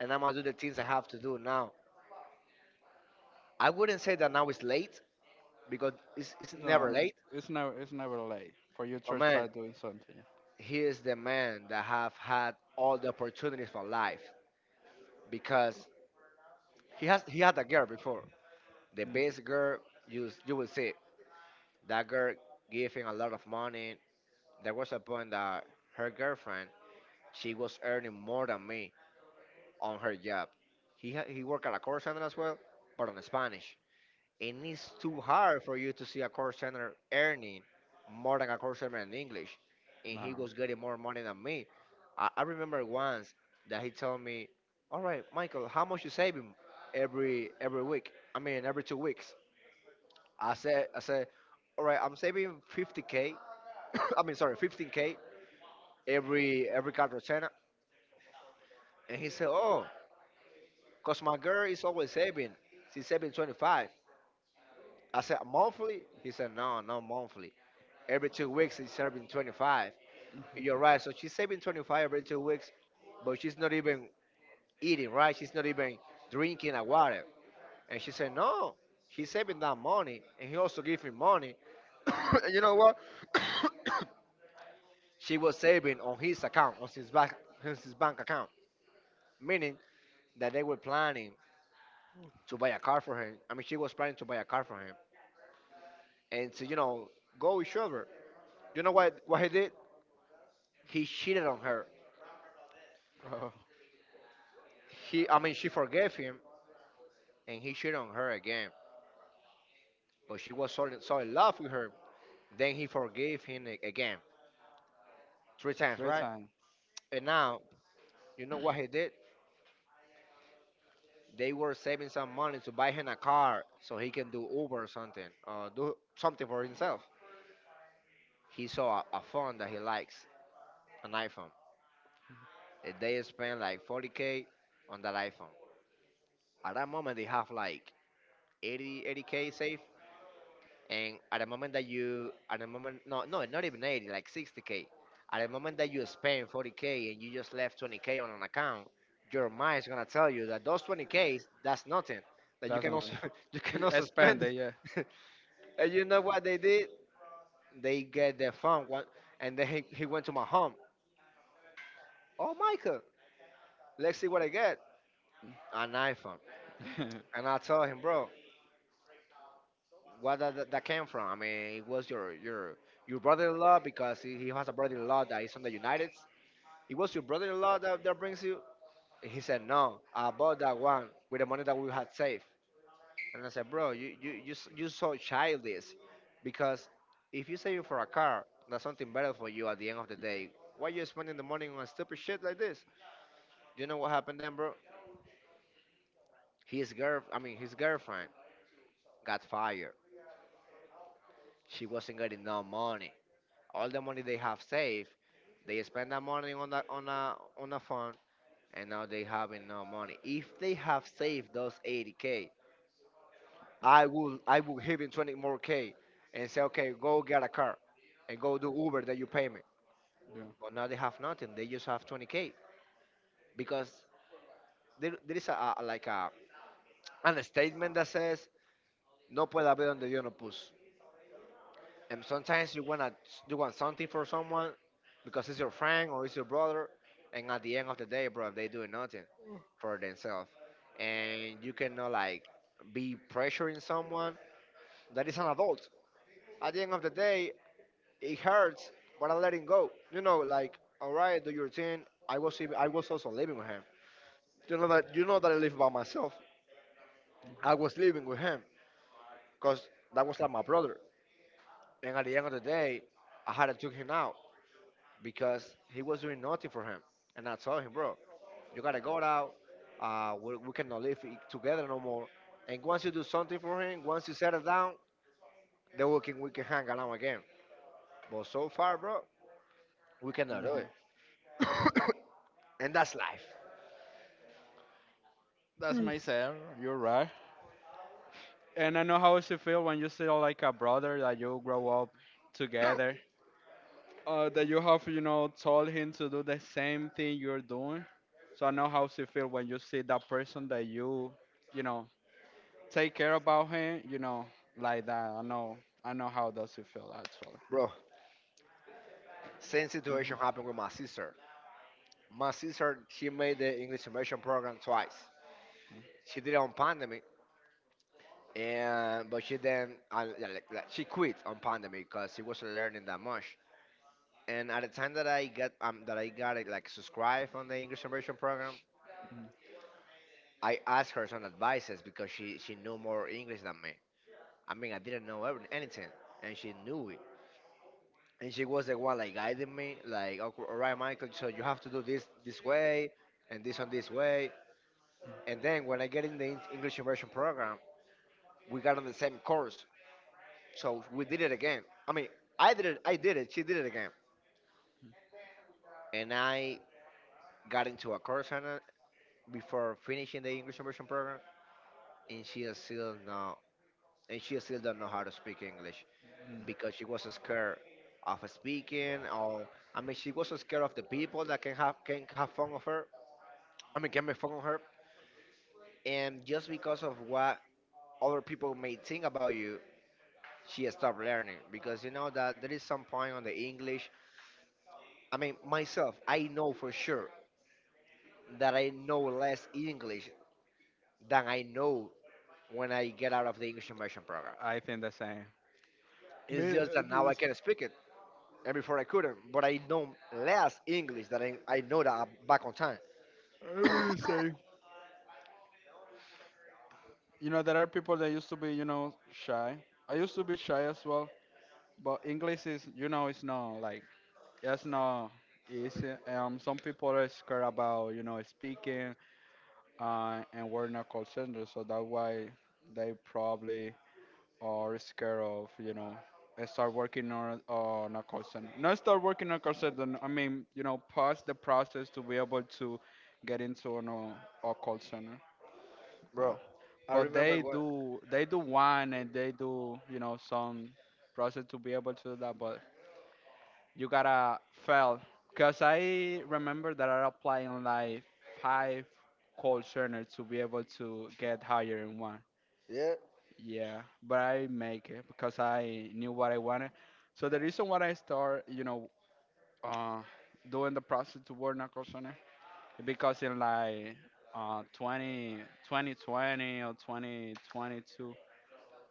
A: and I'm gonna do the things I have to do now. I wouldn't say that now it's late because it's
B: No,
A: never late.
B: it's never late for you
A: But
B: to
A: man,
B: start doing something.
A: he is the man that have had all the opportunities for life because he had a girl before, the
B: Mm.
A: best girl. You will see that girl giving a lot of money. There was a point that her girlfriend, she was earning more than me on her job. He worked at a call center as well, but on Spanish. And it's too hard for you to see a call center earning more than a call center in English. And he
B: No,
A: was getting more money than me. I remember once that he told me, "All right, Michael, how much you saving every week? I mean, every 2 weeks." I said, all right, I'm saving 50k. [coughs] I mean, sorry, 15k every quarter. And he said, oh, cause my girl is always saving. She's saving 25. I said monthly. He said, no, not monthly. Every 2 weeks she's saving 25. You're right. So she's saving 25 every 2 weeks, but she's not even eating, right? She's not even drinking a water. And she said, no, she's saving that money. And he also gave me money. [coughs] And you know what? [coughs] She was saving on his account, on his bank account, meaning that they were planning to buy a car for him. I mean, she was planning to buy a car for him and to, you know, go with Silver. You know what? What he did? He cheated on her.
B: bro,
A: I mean, she forgave him and he cheated on her again. But she was so in, so in love with her. Then he forgave him again, three times,
B: three
A: right?
B: times.
A: And now, you know what he did? They were saving some money to buy him a car so he can do Uber or something, do something for himself. He saw a phone that he likes, an iPhone. And they spent like 40k on that iPhone. At that moment, they have like 80 80k safe. And at the moment that you, at the moment, no, no, not even 80, like 60k. At the moment that you spend 40k and you just left 20k on an account, your mind is gonna tell you that those 20k's, that's nothing. That you
B: That's
A: can
B: not.
A: also [laughs] you can
B: [laughs]
A: also
B: Spend
A: spend
B: it, yeah.
A: it. [laughs] And you know what they did? They get their phone one, and then he went to my home. Oh, Michael, let's see what I get. An iPhone,
B: [laughs] Yeah.
A: and I told him, bro, what that came from? I mean, it was your your brother-in-law, because he has a brother-in-law that is from the United. It was your brother-in-law that, that brings you. He said, no, I bought that one with the money that we had saved. And I said, bro, you so childish, because if you save it for a car, that's something better for you at the end of the day. Why you spending the money on stupid shit like this? Do you know what happened then, bro? His girlfriend got fired. She wasn't getting no money. All the money they have saved, they spend that money on that on a phone, and now they have no money. If they have saved those 80k, I will give him 20 more k, and say okay, go get a car, and go do Uber that you pay me. But now they have nothing. They just have 20k because there is a like a an statement that says no puede haber donde Dios no puso. And sometimes you want something for someone because it's your friend or it's your brother, and at the end of the day, bro, they doing nothing for themselves, and you cannot like be pressuring someone that is an adult. At the end of the day, it hurts, but I let it go. You know, like all right, do your thing. I was also living with him. You know that I live by myself. I was living with him because that was like my brother, and at the end of the day, I had to take him out because he was doing nothing for him. And I told him, bro, you gotta go out. We cannot live I- together no more. And once you do something for him, once you settle down, then we can hang around again. But so far, bro, we cannot do it.
B: Hmm.
A: [coughs] And that's life,
B: That's myself. You're right. And I know how it should feel when you see like a brother that you grow up together that you have, you know, told him to do the same thing you're doing. So I know how you feel when you see that person that you know, take care about him, you know, like that. I know how does it feel actually.
A: bro. Same
B: Mhm,
A: situation happened with my sister. My sister, she made the English immersion program twice. She did it on pandemic, and but she then she quit on pandemic because she wasn't learning that much. And at the time that I got it, like subscribed on the English immersion program,
B: mhm,
A: I asked her some advices because she knew more English than me. I mean, I didn't know anything, and she knew it. And she was the one like guiding me, like, "Okay, all right, Michael, so you have to do this way, and this on this way." And then when I get in the English immersion program, we got on the same course, so we did it again. I mean, I did it, she did it again, and I got into a course on it before finishing the English immersion program, and she is still now, and she still don't know how to speak English
B: mhm.
A: because she was scared of speaking. Or I mean she was scared of the people that can have fun of her. I mean can make fun of her. And just because of what other people may think about you, she stopped learning because you know that there is some point on the English. I mean myself, I know for sure that I know less English than I know when I get out of the English immersion program.
B: I think the same.
A: It's
B: Me,
A: just that now I can speak it and before I couldn't, but I know less English than I know that I'm back on time,
B: I will say, you know, there are people that used to be, you know, shy. I used to be shy as well, but English is, you know, it's not like yes, no. It's, some people are scared about you know speaking, and we're not call center, so that's why they probably are scared of you know start working on a call center. Not start working on a call center. I mean you know pass the process to be able to get into an, a call center. Yeah.
A: bro. I
B: But
A: remember going,
B: they do one and they do you know some process to be able to do that, but you gotta fail. Cause I remember that I applied on like five call centers to be able to get higher in one.
A: yeah,
B: Yeah, but I make it because I knew what I wanted. So the reason why I start, you know, uh, doing the process to work in a call center because in like uh 20, 2020 2022.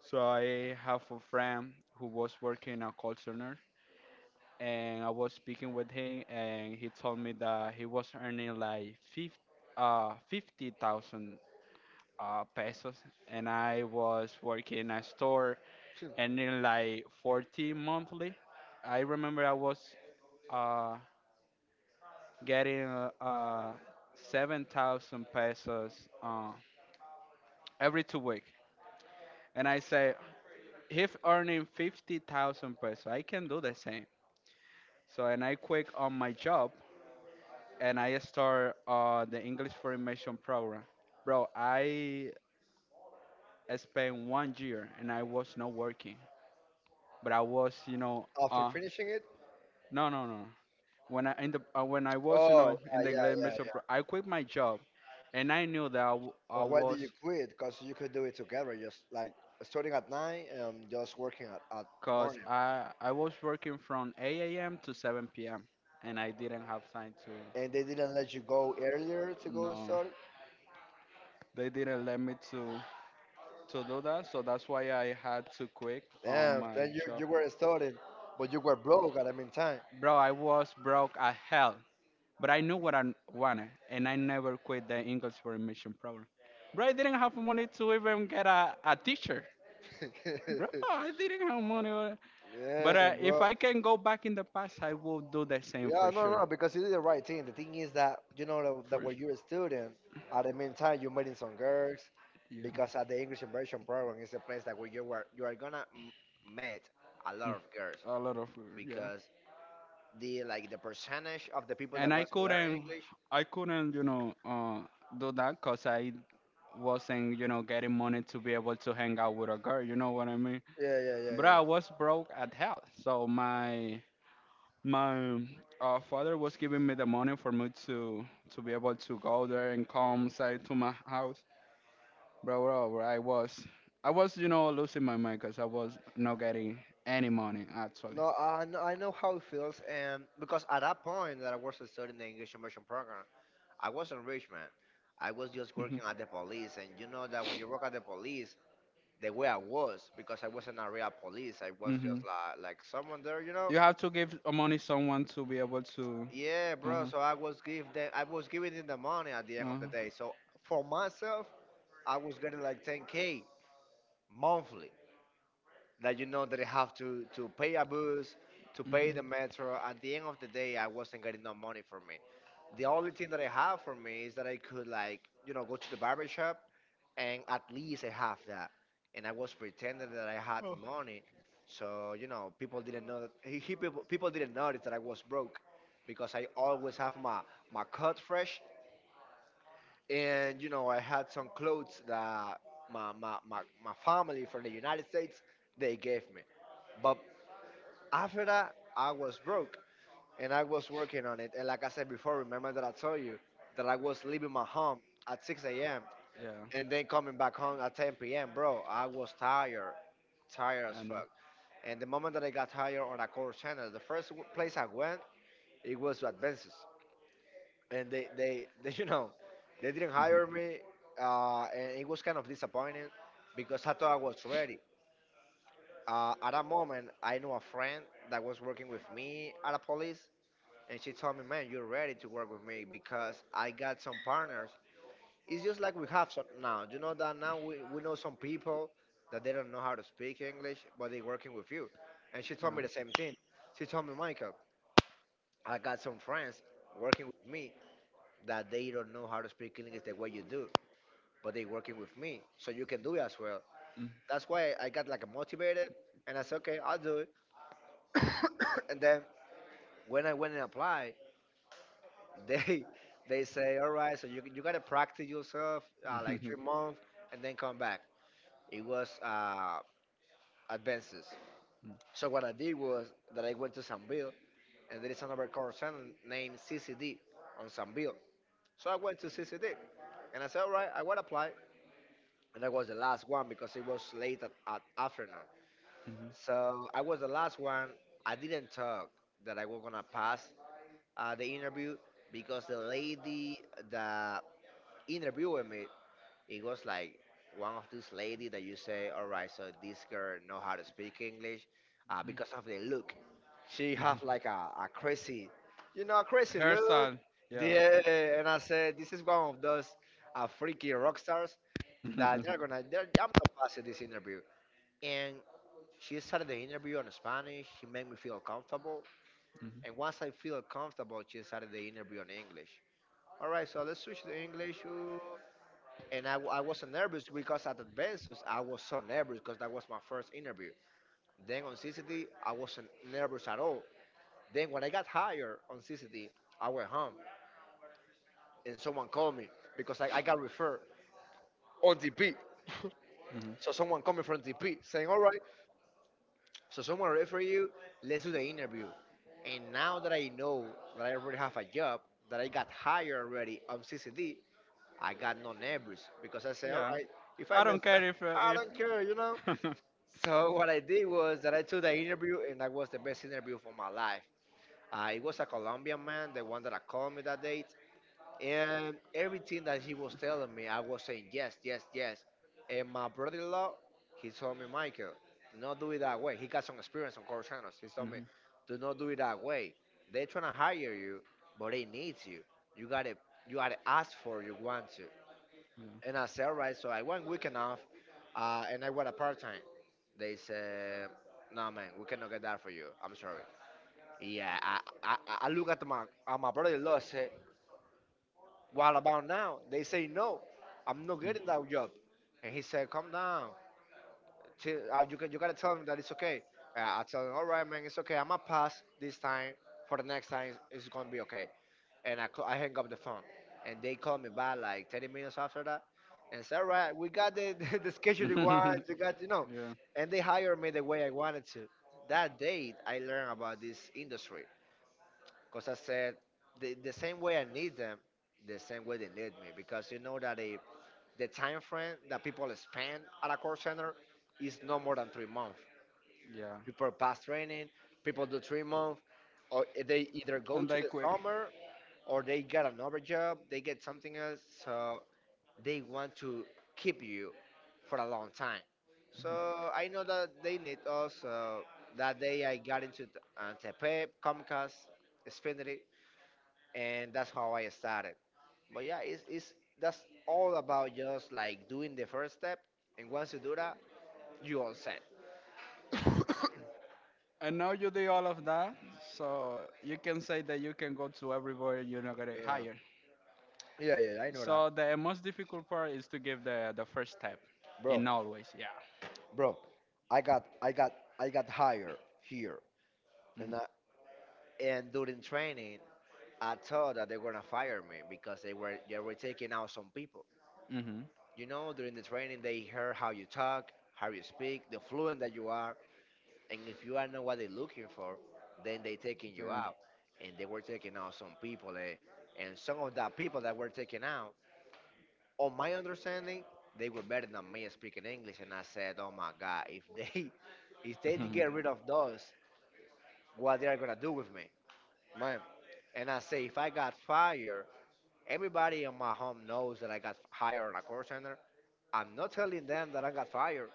B: So I have a friend who was working in a call center and I was speaking with him, and he told me that he was earning like 50,000 pesos, and I was working in a store
A: [laughs]
B: earning like 40 monthly. I remember I was uh, getting 7,000 pesos every 2 weeks. And I say, if earning 50,000 pesos, I can do the same. So, and I quit on my job and I start the English for Immersion program. Bro, I spent 1 year and I was not working, but I was, you know,
A: after finishing it,
B: no, no, no. When I in the when I was, you
A: oh,
B: know, in the
A: yeah, yeah,
B: English
A: yeah,
B: immersion,
A: yeah,
B: pro- I quit my job, and I knew that I, w- I
A: but why did
B: was,
A: you quit? Because you could do it together, just like starting at nine and just working at
B: cause
A: morning.
B: I was working from 8 a.m. to 7 p.m. and I didn't have time to.
A: And they didn't let you go earlier to go
B: No,
A: start.
B: they didn't let me to do that, so that's why I had to quit on
A: Damn,
B: my
A: then
B: job.
A: you were starting, but you were broke at the meantime.
B: Bro, I was broke as hell, but I knew what I wanted, and I never quit the English for admission program. Bro, I didn't have money to even get a teacher. Bro,
A: [laughs]
B: I didn't have money. But
A: Yeah,
B: if
A: bro.
B: I can go back in the past, I will do the same
A: Yeah,
B: for
A: no,
B: sure.
A: no, because you did the right thing. The thing is that you know
B: For
A: that when you're
B: sure.
A: a student, at the meantime you're meeting some girls,
B: Yeah,
A: because at the English immersion program is a place that where you are gonna meet a lot of girls
B: a lot of food, yeah.
A: because the percentage of the people
B: And
A: that wants to learn English.
B: I couldn't, do that because I wasn't, getting money to be able to hang out with a girl. You know what I mean?
A: Yeah, yeah, yeah,
B: But I
A: yeah.
B: was broke at hell, so my father was giving me the money for me to be able to go there and come side to my house. Bro, bro, bro, I was, I was, losing my mind because I was not getting any money actually.
A: No, I know how it feels, and because at that point that I was studying the English immersion program, I wasn't rich man. I was just
B: hmm
A: working at the police, and you know that when you work at the police, the way I was because I wasn't a real police. I was
B: hmm
A: just like someone there, you know.
B: You have to give money someone to be able to.
A: Yeah, bro.
B: Uh-huh,
A: So I was giving them the money at the end of the day.
B: uh-huh.
A: So for myself, I was getting like 10k monthly. That you know that I have to pay a bus, to pay the metro. At the end of the day, I wasn't getting no money for me. The only thing that I have for me is that I could like you know go to the barber shop, and at least I have that. And I was pretending that I had money, so you know people didn't know that he people didn't notice that I was broke, because I always have my cut fresh, and you know I had some clothes that my family from the United States they gave me, but after that I was broke and I was working on it. And like I said before, remember that I told you that I was leaving my home at 6 a.m.,
B: Yeah,
A: and then coming back home at 10 p.m., bro, I was tired, tired as
B: I know.
A: fuck. And the moment that I got tired on a core channel, the first place I went, it was to Advances, and they [laughs] you know, they didn't hire me, and it was kind of disappointing because I thought I was ready. At that moment, I knew a friend that was working with me at a police, and she told me, "Man, you're ready to work with me because I got some partners. It's just like we have some now. You know that now we know some people that they don't know how to speak English, but they working with you." And she told me the same thing. She told me, "Michael, I got some friends working with me that they don't know how to speak English the way you do, but they working with me, so you can do it as well." That's why I got like motivated, and I said, okay, I'll do it. [coughs] And then when I went and applied, they [laughs] they say, all right, so you gotta practice yourself like
B: Mhm.
A: 3 months and then come back. It was Advances. So what I did was that I went to Sanville, and there is another call center named CCD on Sanville. So I went to CCD, and I said, all right, I will apply. And I was the last one because it was late at afternoon.
B: Mhm.
A: So I was the last one. I didn't talk that I was gonna pass the interview because the lady that interviewed me, it was like one of these lady that you say, all right, so this girl know how to speak English, because of the look. She have like a crazy, you know, crazy look.
B: Hairstyle, yeah.
A: Yeah, and I said, this is one of those freaky rock stars
B: Mhm.
A: that
B: Mhm.
A: I'm gonna pass you this interview. And she started the interview on Spanish. She made me feel comfortable. And once I feel comfortable, she started the interview on English. All right, so let's switch to English, and I wasn't nervous because at Adventures I was so nervous because that was my first interview. Then on CCT I wasn't nervous at all. Then when I got hired on CCT, I went home and someone called me because I got referred on TP. [laughs]
B: Mhm.
A: So someone coming from TP saying, "All right, so someone refer you. Let's do the interview." And now that I know that I already have a job, that I got hired already on CCD, I got no nervous because I said, "All
B: Yeah.
A: right, if I
B: I
A: mess
B: don't care
A: up,
B: if
A: I don't care, you know."
B: if. [laughs]
A: So what I did was that I took the interview, and that was the best interview for my life. It was a Colombian man, the one that I called me that date, and everything that he was telling me, I was saying yes, yes, yes. And my brother-in-law, he told me, "Michael, do not do it that way." He got some experience on call channels. He told me,
B: Mhm,
A: do not do it that way. They're trying to hire you, but they need you. You gotta, you gotta ask for. You want to.
B: yeah.
A: And I said, all right, so I went weekend off and I went a part time. They said, no, man, we cannot get that for you. I'm sorry. Yeah, I look at my brother in law said, what about now? They say, no, I'm not getting that job. And he said, calm down. Chill, you got to tell him that it's okay. I tell him, all right, man, it's okay. I'm going to pass this time. For the next time, it's going to be okay and I hang up the phone. And they called me back like 30 minutes after that and said, all right, we got the, [laughs] the, schedule you want, you got,
B: [laughs]
A: you know. And they hired me the way I wanted to. That day, I learned about this industry because I said, the same way I need them, the same way they need me. Because you know that they, the time frame that people spend at a call center is no more than 3 months.
B: yeah. Yeah.
A: People pass training, people do 3 months, or they either go
B: And
A: to
B: they
A: the
B: quick.
A: summer or they get another job, they get something else, so they want to keep you for a long time. So I know that they need us. That day I got into Antepep, Comcast, Xfinity, and that's how I started. But yeah, it's that's all about just like doing the first step, and once you do that, you all set. [coughs] yeah,
B: And now you do all of that, so you can say that you can go to everywhere you're not gonna hire.
A: yeah, yeah, yeah, I know that.
B: So the most difficult part is to give the first step,
A: Bro,
B: in always, yeah.
A: bro, I got, I got, I got hired here, and
B: Mm-hmm.
A: and during training, I thought that they were gonna fire me because they were taking out some people.
B: Mm-hmm.
A: You know, during the training, they heard how you talk, how you speak, the fluent that you are, and if you are not what they're looking for, then they taking you
B: Second.
A: out. And they were taking out some people, eh? And some of the people that were taken out, on my understanding, they were better than me speaking English. And I said, oh my God, if they [laughs] if they get rid of those, what they are gonna do with me, man? And I say, if I got fired, everybody in my home knows that I got hired on a call center. I'm not telling them that I got fired.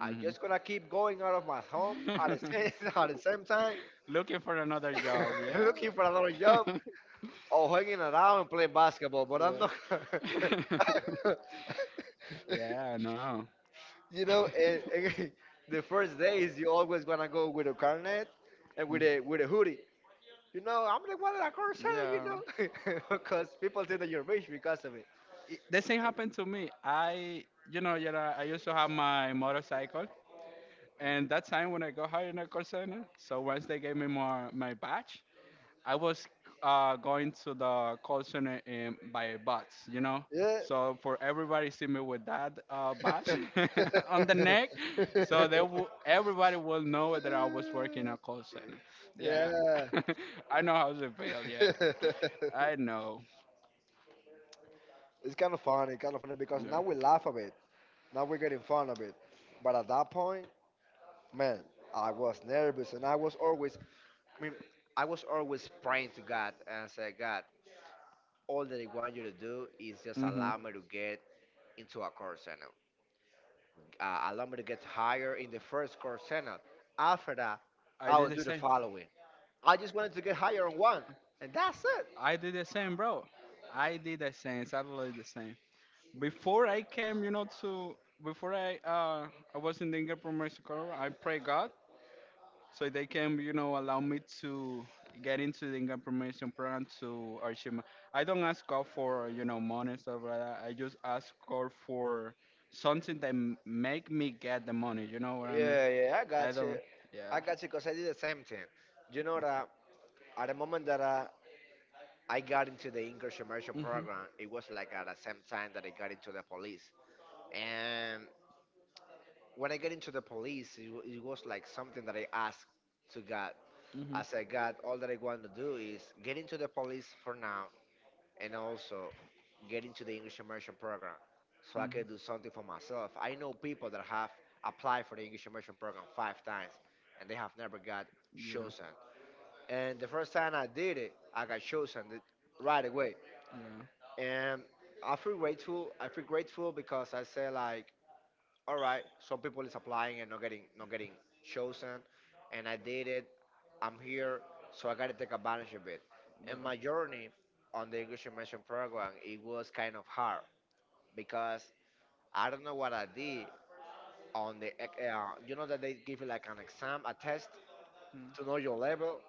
A: I'm
B: Mm-hmm.
A: just gonna keep going out of my home at the
B: Mm-hmm.
A: same, [laughs] at the same time,
B: [laughs] Looking for another job,
A: [laughs]
B: yeah.
A: looking for another job
B: [laughs]
A: or hanging around and playing basketball. But I'm
B: yeah.
A: not. [laughs]
B: [laughs] yeah, I know.
A: You know, and [laughs] the first days you always wanna go with a carnet and with a hoodie. You know, I'm like, what did I call
B: [laughs]
A: center?
B: yeah.
A: You know, [laughs] because people think that you're rich because of it.
B: It, the same happened to me. I used to have my motorcycle, and that time when I got hired in a call center, so once they gave me my my badge, I was going to the call center in, by bus, you know.
A: Yeah,
B: So for everybody see me with that
A: [laughs]
B: badge
A: yeah.
B: [laughs] on the neck, so they will everybody will know that I was working a call center. Yeah,
A: [laughs]
B: [laughs] I know how to feel. Yeah, I know.
A: It's kind of funny because
B: Yeah.
A: now we laugh a bit. Now we're getting fun of it. But at that point, man, I was nervous and I was always, I mean, I was always praying to God and said, God, all that I want you to do is just
B: hmm
A: allow me to get into a core channel. Allow me to get higher in the first core channel. After that,
B: I
A: I
B: did
A: will
B: the
A: do the
B: same.
A: following. I just wanted to get higher on one, and that's it.
B: I did the same, bro. I did the same, exactly the same. Before I came, you know, to before I was in the Ingram Mexico, I pray God so they can, you know, allow me to get into the income promotion program to achieve. I don't ask God for you know money and stuff like that. I just ask God for something that make me get the money. You know what I mean?
A: Yeah, yeah, I
B: I
A: got you.
B: don't.
A: I
B: Yeah.
A: got you because I did the same thing. You know that at the moment that I got into the English immersion
B: Mhm.
A: program, it was like at the same time that I got into the police. And when I got into the police, it was like something that I asked to God.
B: Mhm.
A: I said, God, all that I want to do is get into the police for now and also get into the English immersion program so I can do
B: Mhm.
A: something for myself. I know people that have applied for the English immersion program 5 times and they have never got
B: Yeah.
A: chosen. And the first time I did it, I got chosen right away.
B: Yeah.
A: And I feel grateful. I feel grateful because I said like all right, some people is applying and not getting chosen, and I did it. I'm here, so I gotta take advantage of it.
B: Yeah.
A: And my journey on the English immersion program, it was kind of hard because I don't know what I did on the you know that they give you like an exam, a test
B: Mm.
A: to know your level.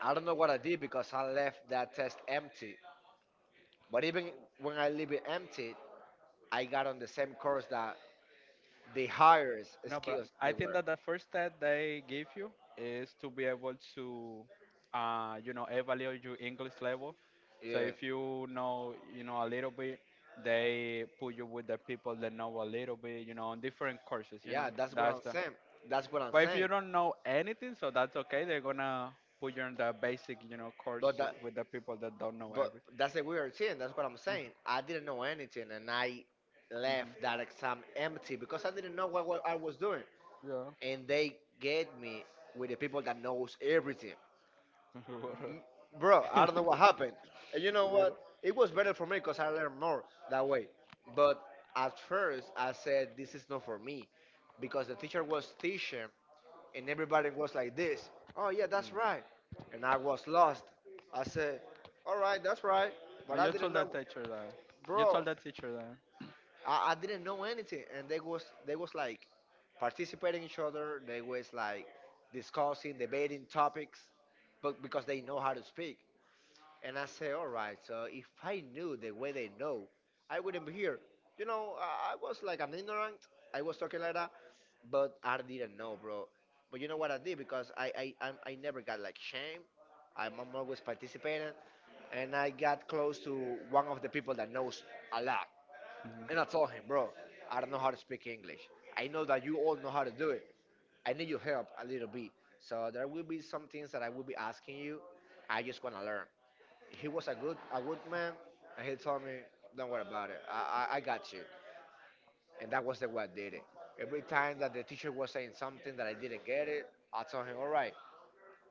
A: I don't know what I did because I left that test empty. But even when I leave it empty, I got on the same course that the higher
B: No, but
A: skills
B: I
A: they
B: think
A: were.
B: that the first step they give you is to be able to, you know, evaluate your English level. So
A: Yeah.
B: if you know, you know, a little bit, they put you with the people that know a little bit, you know, on different courses, you know.
A: Yeah, that's what
B: That's
A: I'm
B: the.
A: saying. That's what I'm
B: But if you
A: saying.
B: don't know anything, so that's okay. They're gonna put you in the basic, you know, course
A: But that,
B: with the people that don't know
A: but
B: everything.
A: that's a weird thing. That's what I'm saying. I didn't know anything, and I left that exam empty because I didn't know what I was doing.
B: Hmm Yeah.
A: And they get me with the people that knows everything. M- Bro, I
B: [laughs]
A: don't
B: yeah.
A: know what happened. And you know
B: Yeah.
A: what? It was better for me because I learned more that way. But at first, I said this is not for me because the teacher was teaching. And everybody was like this. Oh yeah, that's right. And I was lost. I said, all right, that's right. But
B: You
A: I
B: told
A: didn't
B: that
A: know,
B: teacher that. You told
A: bro.
B: that teacher that.
A: I didn't know anything. And they was like participating each other. They was like discussing, debating topics, but because they know how to speak. And I said, all right, so if I knew the way they know, I wouldn't be here. You know, I was like an ignorant. I was talking like that, but I didn't know, bro. But you know what I did? Because I never got like shame. I'm always participating. And I got close to one of the people that knows a lot. And I told him, bro, I don't know how to speak English. I know that you all know how to do it. I need your help a little bit. So there will be some things that I will be asking you. I just want to learn. He was a good man, and he told me, "Don't worry about it. I got you." And that was the way I did it. Every time that the teacher was saying something that I didn't get it, I told him, "All right,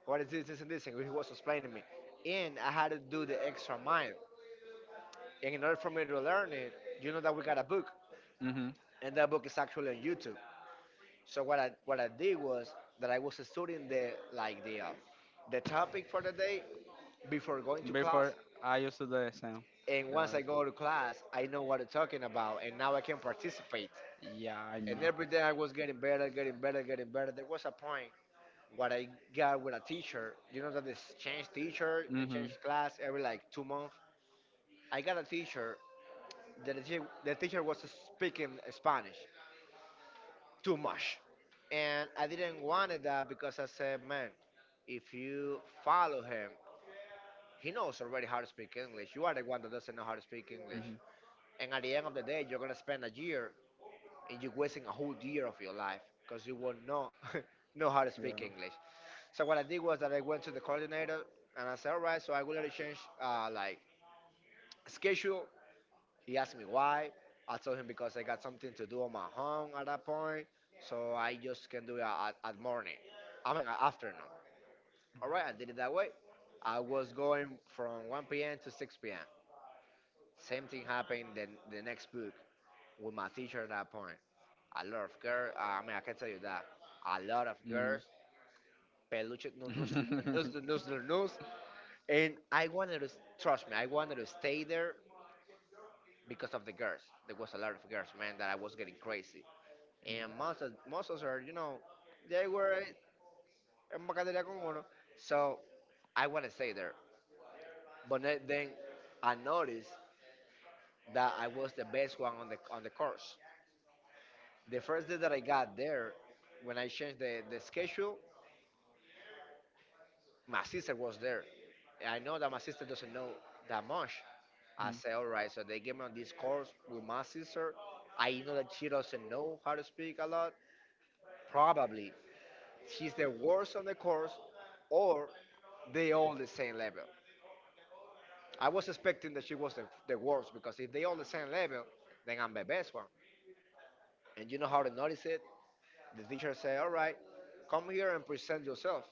A: what is this, this, and this?" And he was explaining me, and I had to do the extra mile. And in order for me to learn it, you know that we got a book,
B: Hmm
A: and that book is actually on YouTube. So what I did was that I was studying the like the topic for the day before going to class.
B: Before I used to do the same.
A: And
B: Yeah,
A: once I go to class, I know what I'm talking about, and now I can participate.
B: yeah I know.
A: And every day I was getting better, getting better, getting better. There was a point what I got with a teacher. You know that this changed teacher
B: Hmm
A: and
B: hmm
A: changed class every like 2 months. I got a teacher. The teacher was speaking Spanish too much, and I didn't want that because I said, man, if you follow him, he knows already how to speak English. You are the one that doesn't know how to speak English. And at the end of the day, you're gonna spend a year and you're wasting a whole year of your life because you will not [laughs] know how to
B: Yeah.
A: speak English. So what I did was that I went to the coordinator and I said, all right, so I will change like schedule. He asked me why. I told him because I got something to do on my home at that point, so I just can do it at morning. I mean at afternoon. All right, I did it that way. I was going from 1 p.m. to 6 p.m. Same thing happened then the next book with my teacher at that point. A lot of girls, I mean, I can tell you that. A lot of
B: hmm
A: girls, peluche,
B: [laughs]
A: no, no, no, no,
B: hmm
A: no, no, no, news. And I wanted to, trust me, I wanted to stay there because of the girls. There was a lot of girls, man, that I was getting crazy. And most of her, you know, they were en Bacateria con uno. So I want to stay there. But then I noticed that I was the best one on the course. The first day that I got there, when I changed the schedule, my sister was there. I know that my sister doesn't know that much. I said, all right, so they gave me this course with my sister. I know that she doesn't know how to speak a lot. Probably she's the worst on the course, or they all the same level. I was expecting that she was the worst because if they all the same level, then I'm the best one. And you know how to notice it? The teacher said, "All right, come here and present yourself."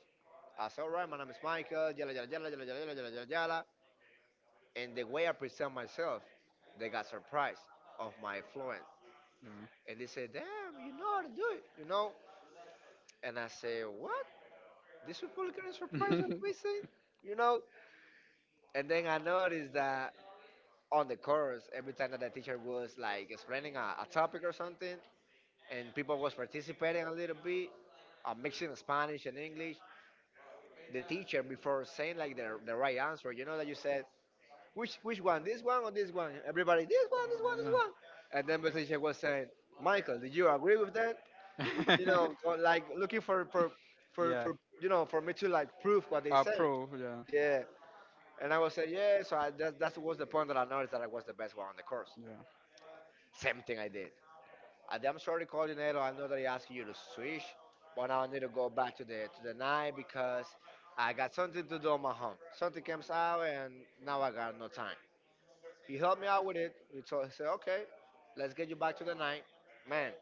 A: I said, "All right, my name is Michael, yada, yada, yada, yada, yada, yada, yada, yada, yada." And the way I present myself, they got surprised of my fluence. And they said, "Damn, you know how to do it, you know? And I said, "What? These people are surprised of me saying, you know?" And then I noticed that on the course, every time that the teacher was like explaining a topic or something, and people was participating a little bit, mixing Spanish and English, the teacher, before saying like the right answer, you know that you said, Which one? This one or this one?" Everybody, "This one, this one,
B: Yeah. [laughs]
A: this
B: Yeah.
A: one." And then Patricia was saying, "Michael, do you agree with that?" You
B: [laughs]
A: know, or like looking for for for,
B: yeah.
A: for you know, for me to like prove what they
B: A
A: say.
B: pro. Yeah.
A: Yeah. And I was saying, yeah. So I, that was the point that I noticed that I was the best one on the course.
B: Yeah.
A: Same thing I did. I'm sorry, coordinator. I know that I asked you to switch, but now I need to go back to the night because I got something to do on my home. Something comes out, and now I got no time. He helped me out with it. We told, said, "Okay, let's get you back to the night." Man,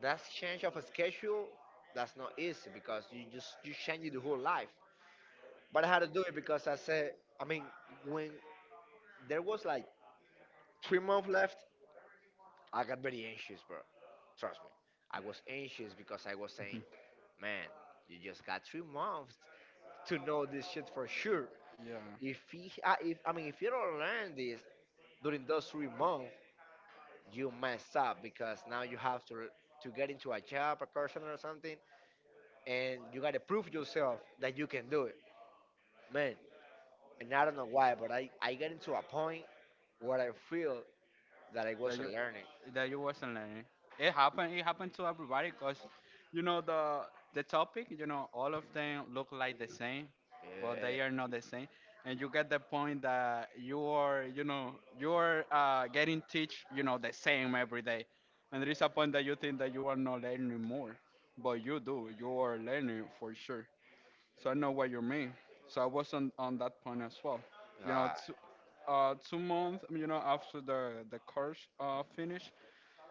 A: that's change of a schedule. That's not easy because you change the whole life. But I had to do it because I said, I mean, when there was like 3 months left, I got very anxious, bro. Trust me, I was anxious because I was saying, man, you just got 3 months to know this shit for sure.
B: Yeah.
A: If I mean, if you don't learn this during those 3 months, you mess up because now you have to get into a job, a call center or something, and you gotta prove yourself that you can do it, man. And I don't know why, but I get into a point where I feel that I
B: that you
A: wasn't learning.
B: that you wasn't learning. It happened. It happened to everybody because you know the topic. You know all of them look like the same, but they
A: Yeah,
B: are not the same. And you get the point that you are you know you are getting teach you know the same every day, and there is a point that you think that you are not learning more, but you do. You are learning for sure. So I know what you mean. So I was on that point as well. You know,
A: ah,
B: 2 months, you know, after the course finished.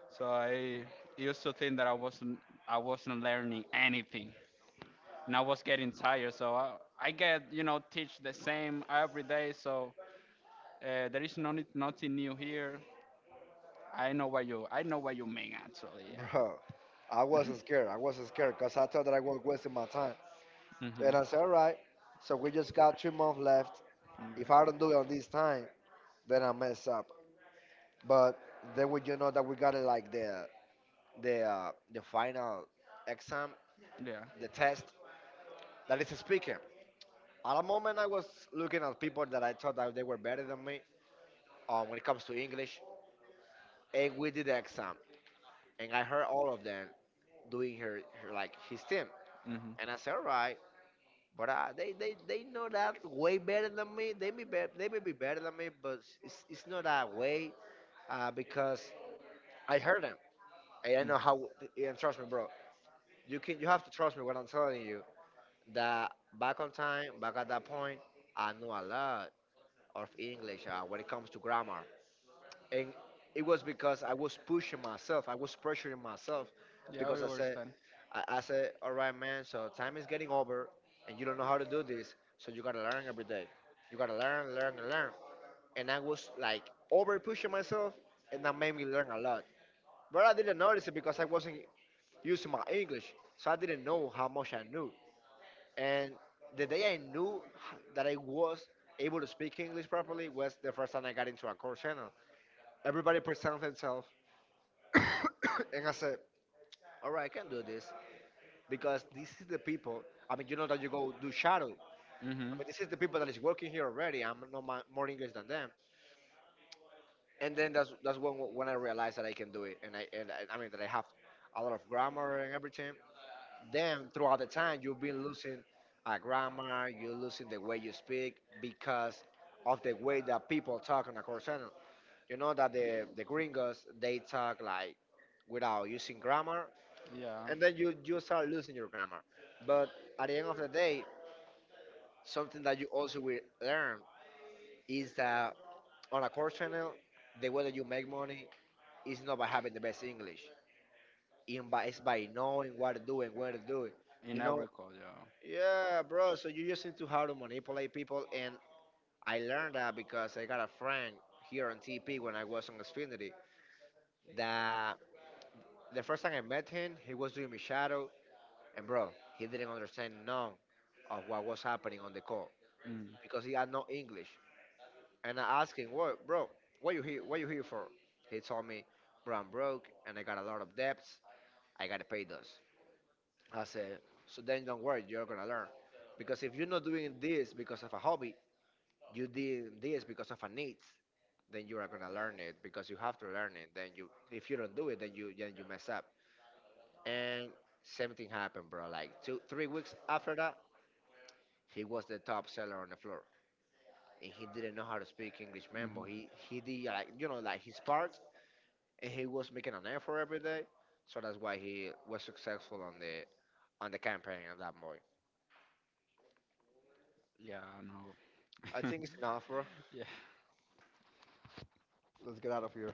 B: So I used to think that I wasn't learning anything, and I was getting tired. So I get you know teach the same every day. So there is no need, nothing new here. I know what you mean actually. Yeah.
A: bro. I wasn't scared. I wasn't scared because I thought that I was wasting my time.
B: Mhm.
A: And I said, all right, so we just got 3 months left.
B: Yeah.
A: If I don't do it on this time, then I mess up. But then we, you know, that we got it like the final exam,
B: Yeah.
A: the test that is a speaker. At a moment, I was looking at people that I thought that they were better than me when it comes to English, and we did the exam, and I heard all of them doing her, her like his team,
B: Mhm.
A: and I said, all right, but they know that way better than me. They may be better than me, but it's not that way because I heard them, and I know
B: Mhm.
A: how. And trust me, bro, you have to trust me when I'm telling you that back on time, back at that point, I know a lot of English when it comes to grammar. And it was because I was pushing myself, I was pressuring myself
B: Yeah, we
A: because I said,
B: understand.
A: I said, all right, man, so time is getting over and you don't know how to do this, so you gotta learn every day. You gotta learn, learn, and learn. And I was like over pushing myself, and that made me learn a lot. But I didn't notice it because I wasn't using my English, so I didn't know how much I knew. And the day I knew that I was able to speak English properly was the first time I got into a core channel. Everybody presents themselves, [coughs] and I said, "All right, I can do this because this is the people. I mean, you know that you go do shadow.
B: Mhm.
A: I mean, this is the people that is working here already. I'm no more English than them." And then that's when I realized that I can do it, and I mean that I have a lot of grammar and everything. Then throughout the time you've been losing a grammar, you're losing the way you speak because of the way that people talk on a call center. You know that the gringos, they talk like without using grammar,
B: Yeah.
A: and then you start losing your grammar. But at the end of the day, something that you also will learn is that on a course channel, the way that you make money is not by having the best English in by, it's by knowing what to do and where to do it,
B: In
A: you know?
B: Africa, yeah.
A: Yeah, bro. So you just need to how to manipulate people, and I learned that because I got a friend here on TP when I was on Xfinity. That the first time I met him, he was doing me shadow, and bro, he didn't understand none of what was happening on the call
B: Mm.
A: because he had no English. And I asked him, "What, bro? What you here? What you here for?" He told me, "Bro, I'm broke, and I got a lot of debts. I gotta pay those." I said, "So then, don't worry, you're gonna learn. Because if you're not doing this because of a hobby, you did this because of a needs, then you are gonna learn it because you have to learn it. Then you, if you don't do it, then you mess up." And same thing happened, bro, like 2 3 weeks after that, he was the top seller on the floor. And he didn't know how to speak English, man,
B: Mhm.
A: but he did like, you know, like his part, and he was making an effort every day. So that's why he was successful on the campaign of that boy.
B: Yeah, I know.
A: I think it's enough, bro.
B: [laughs] yeah.
A: Let's get out of here.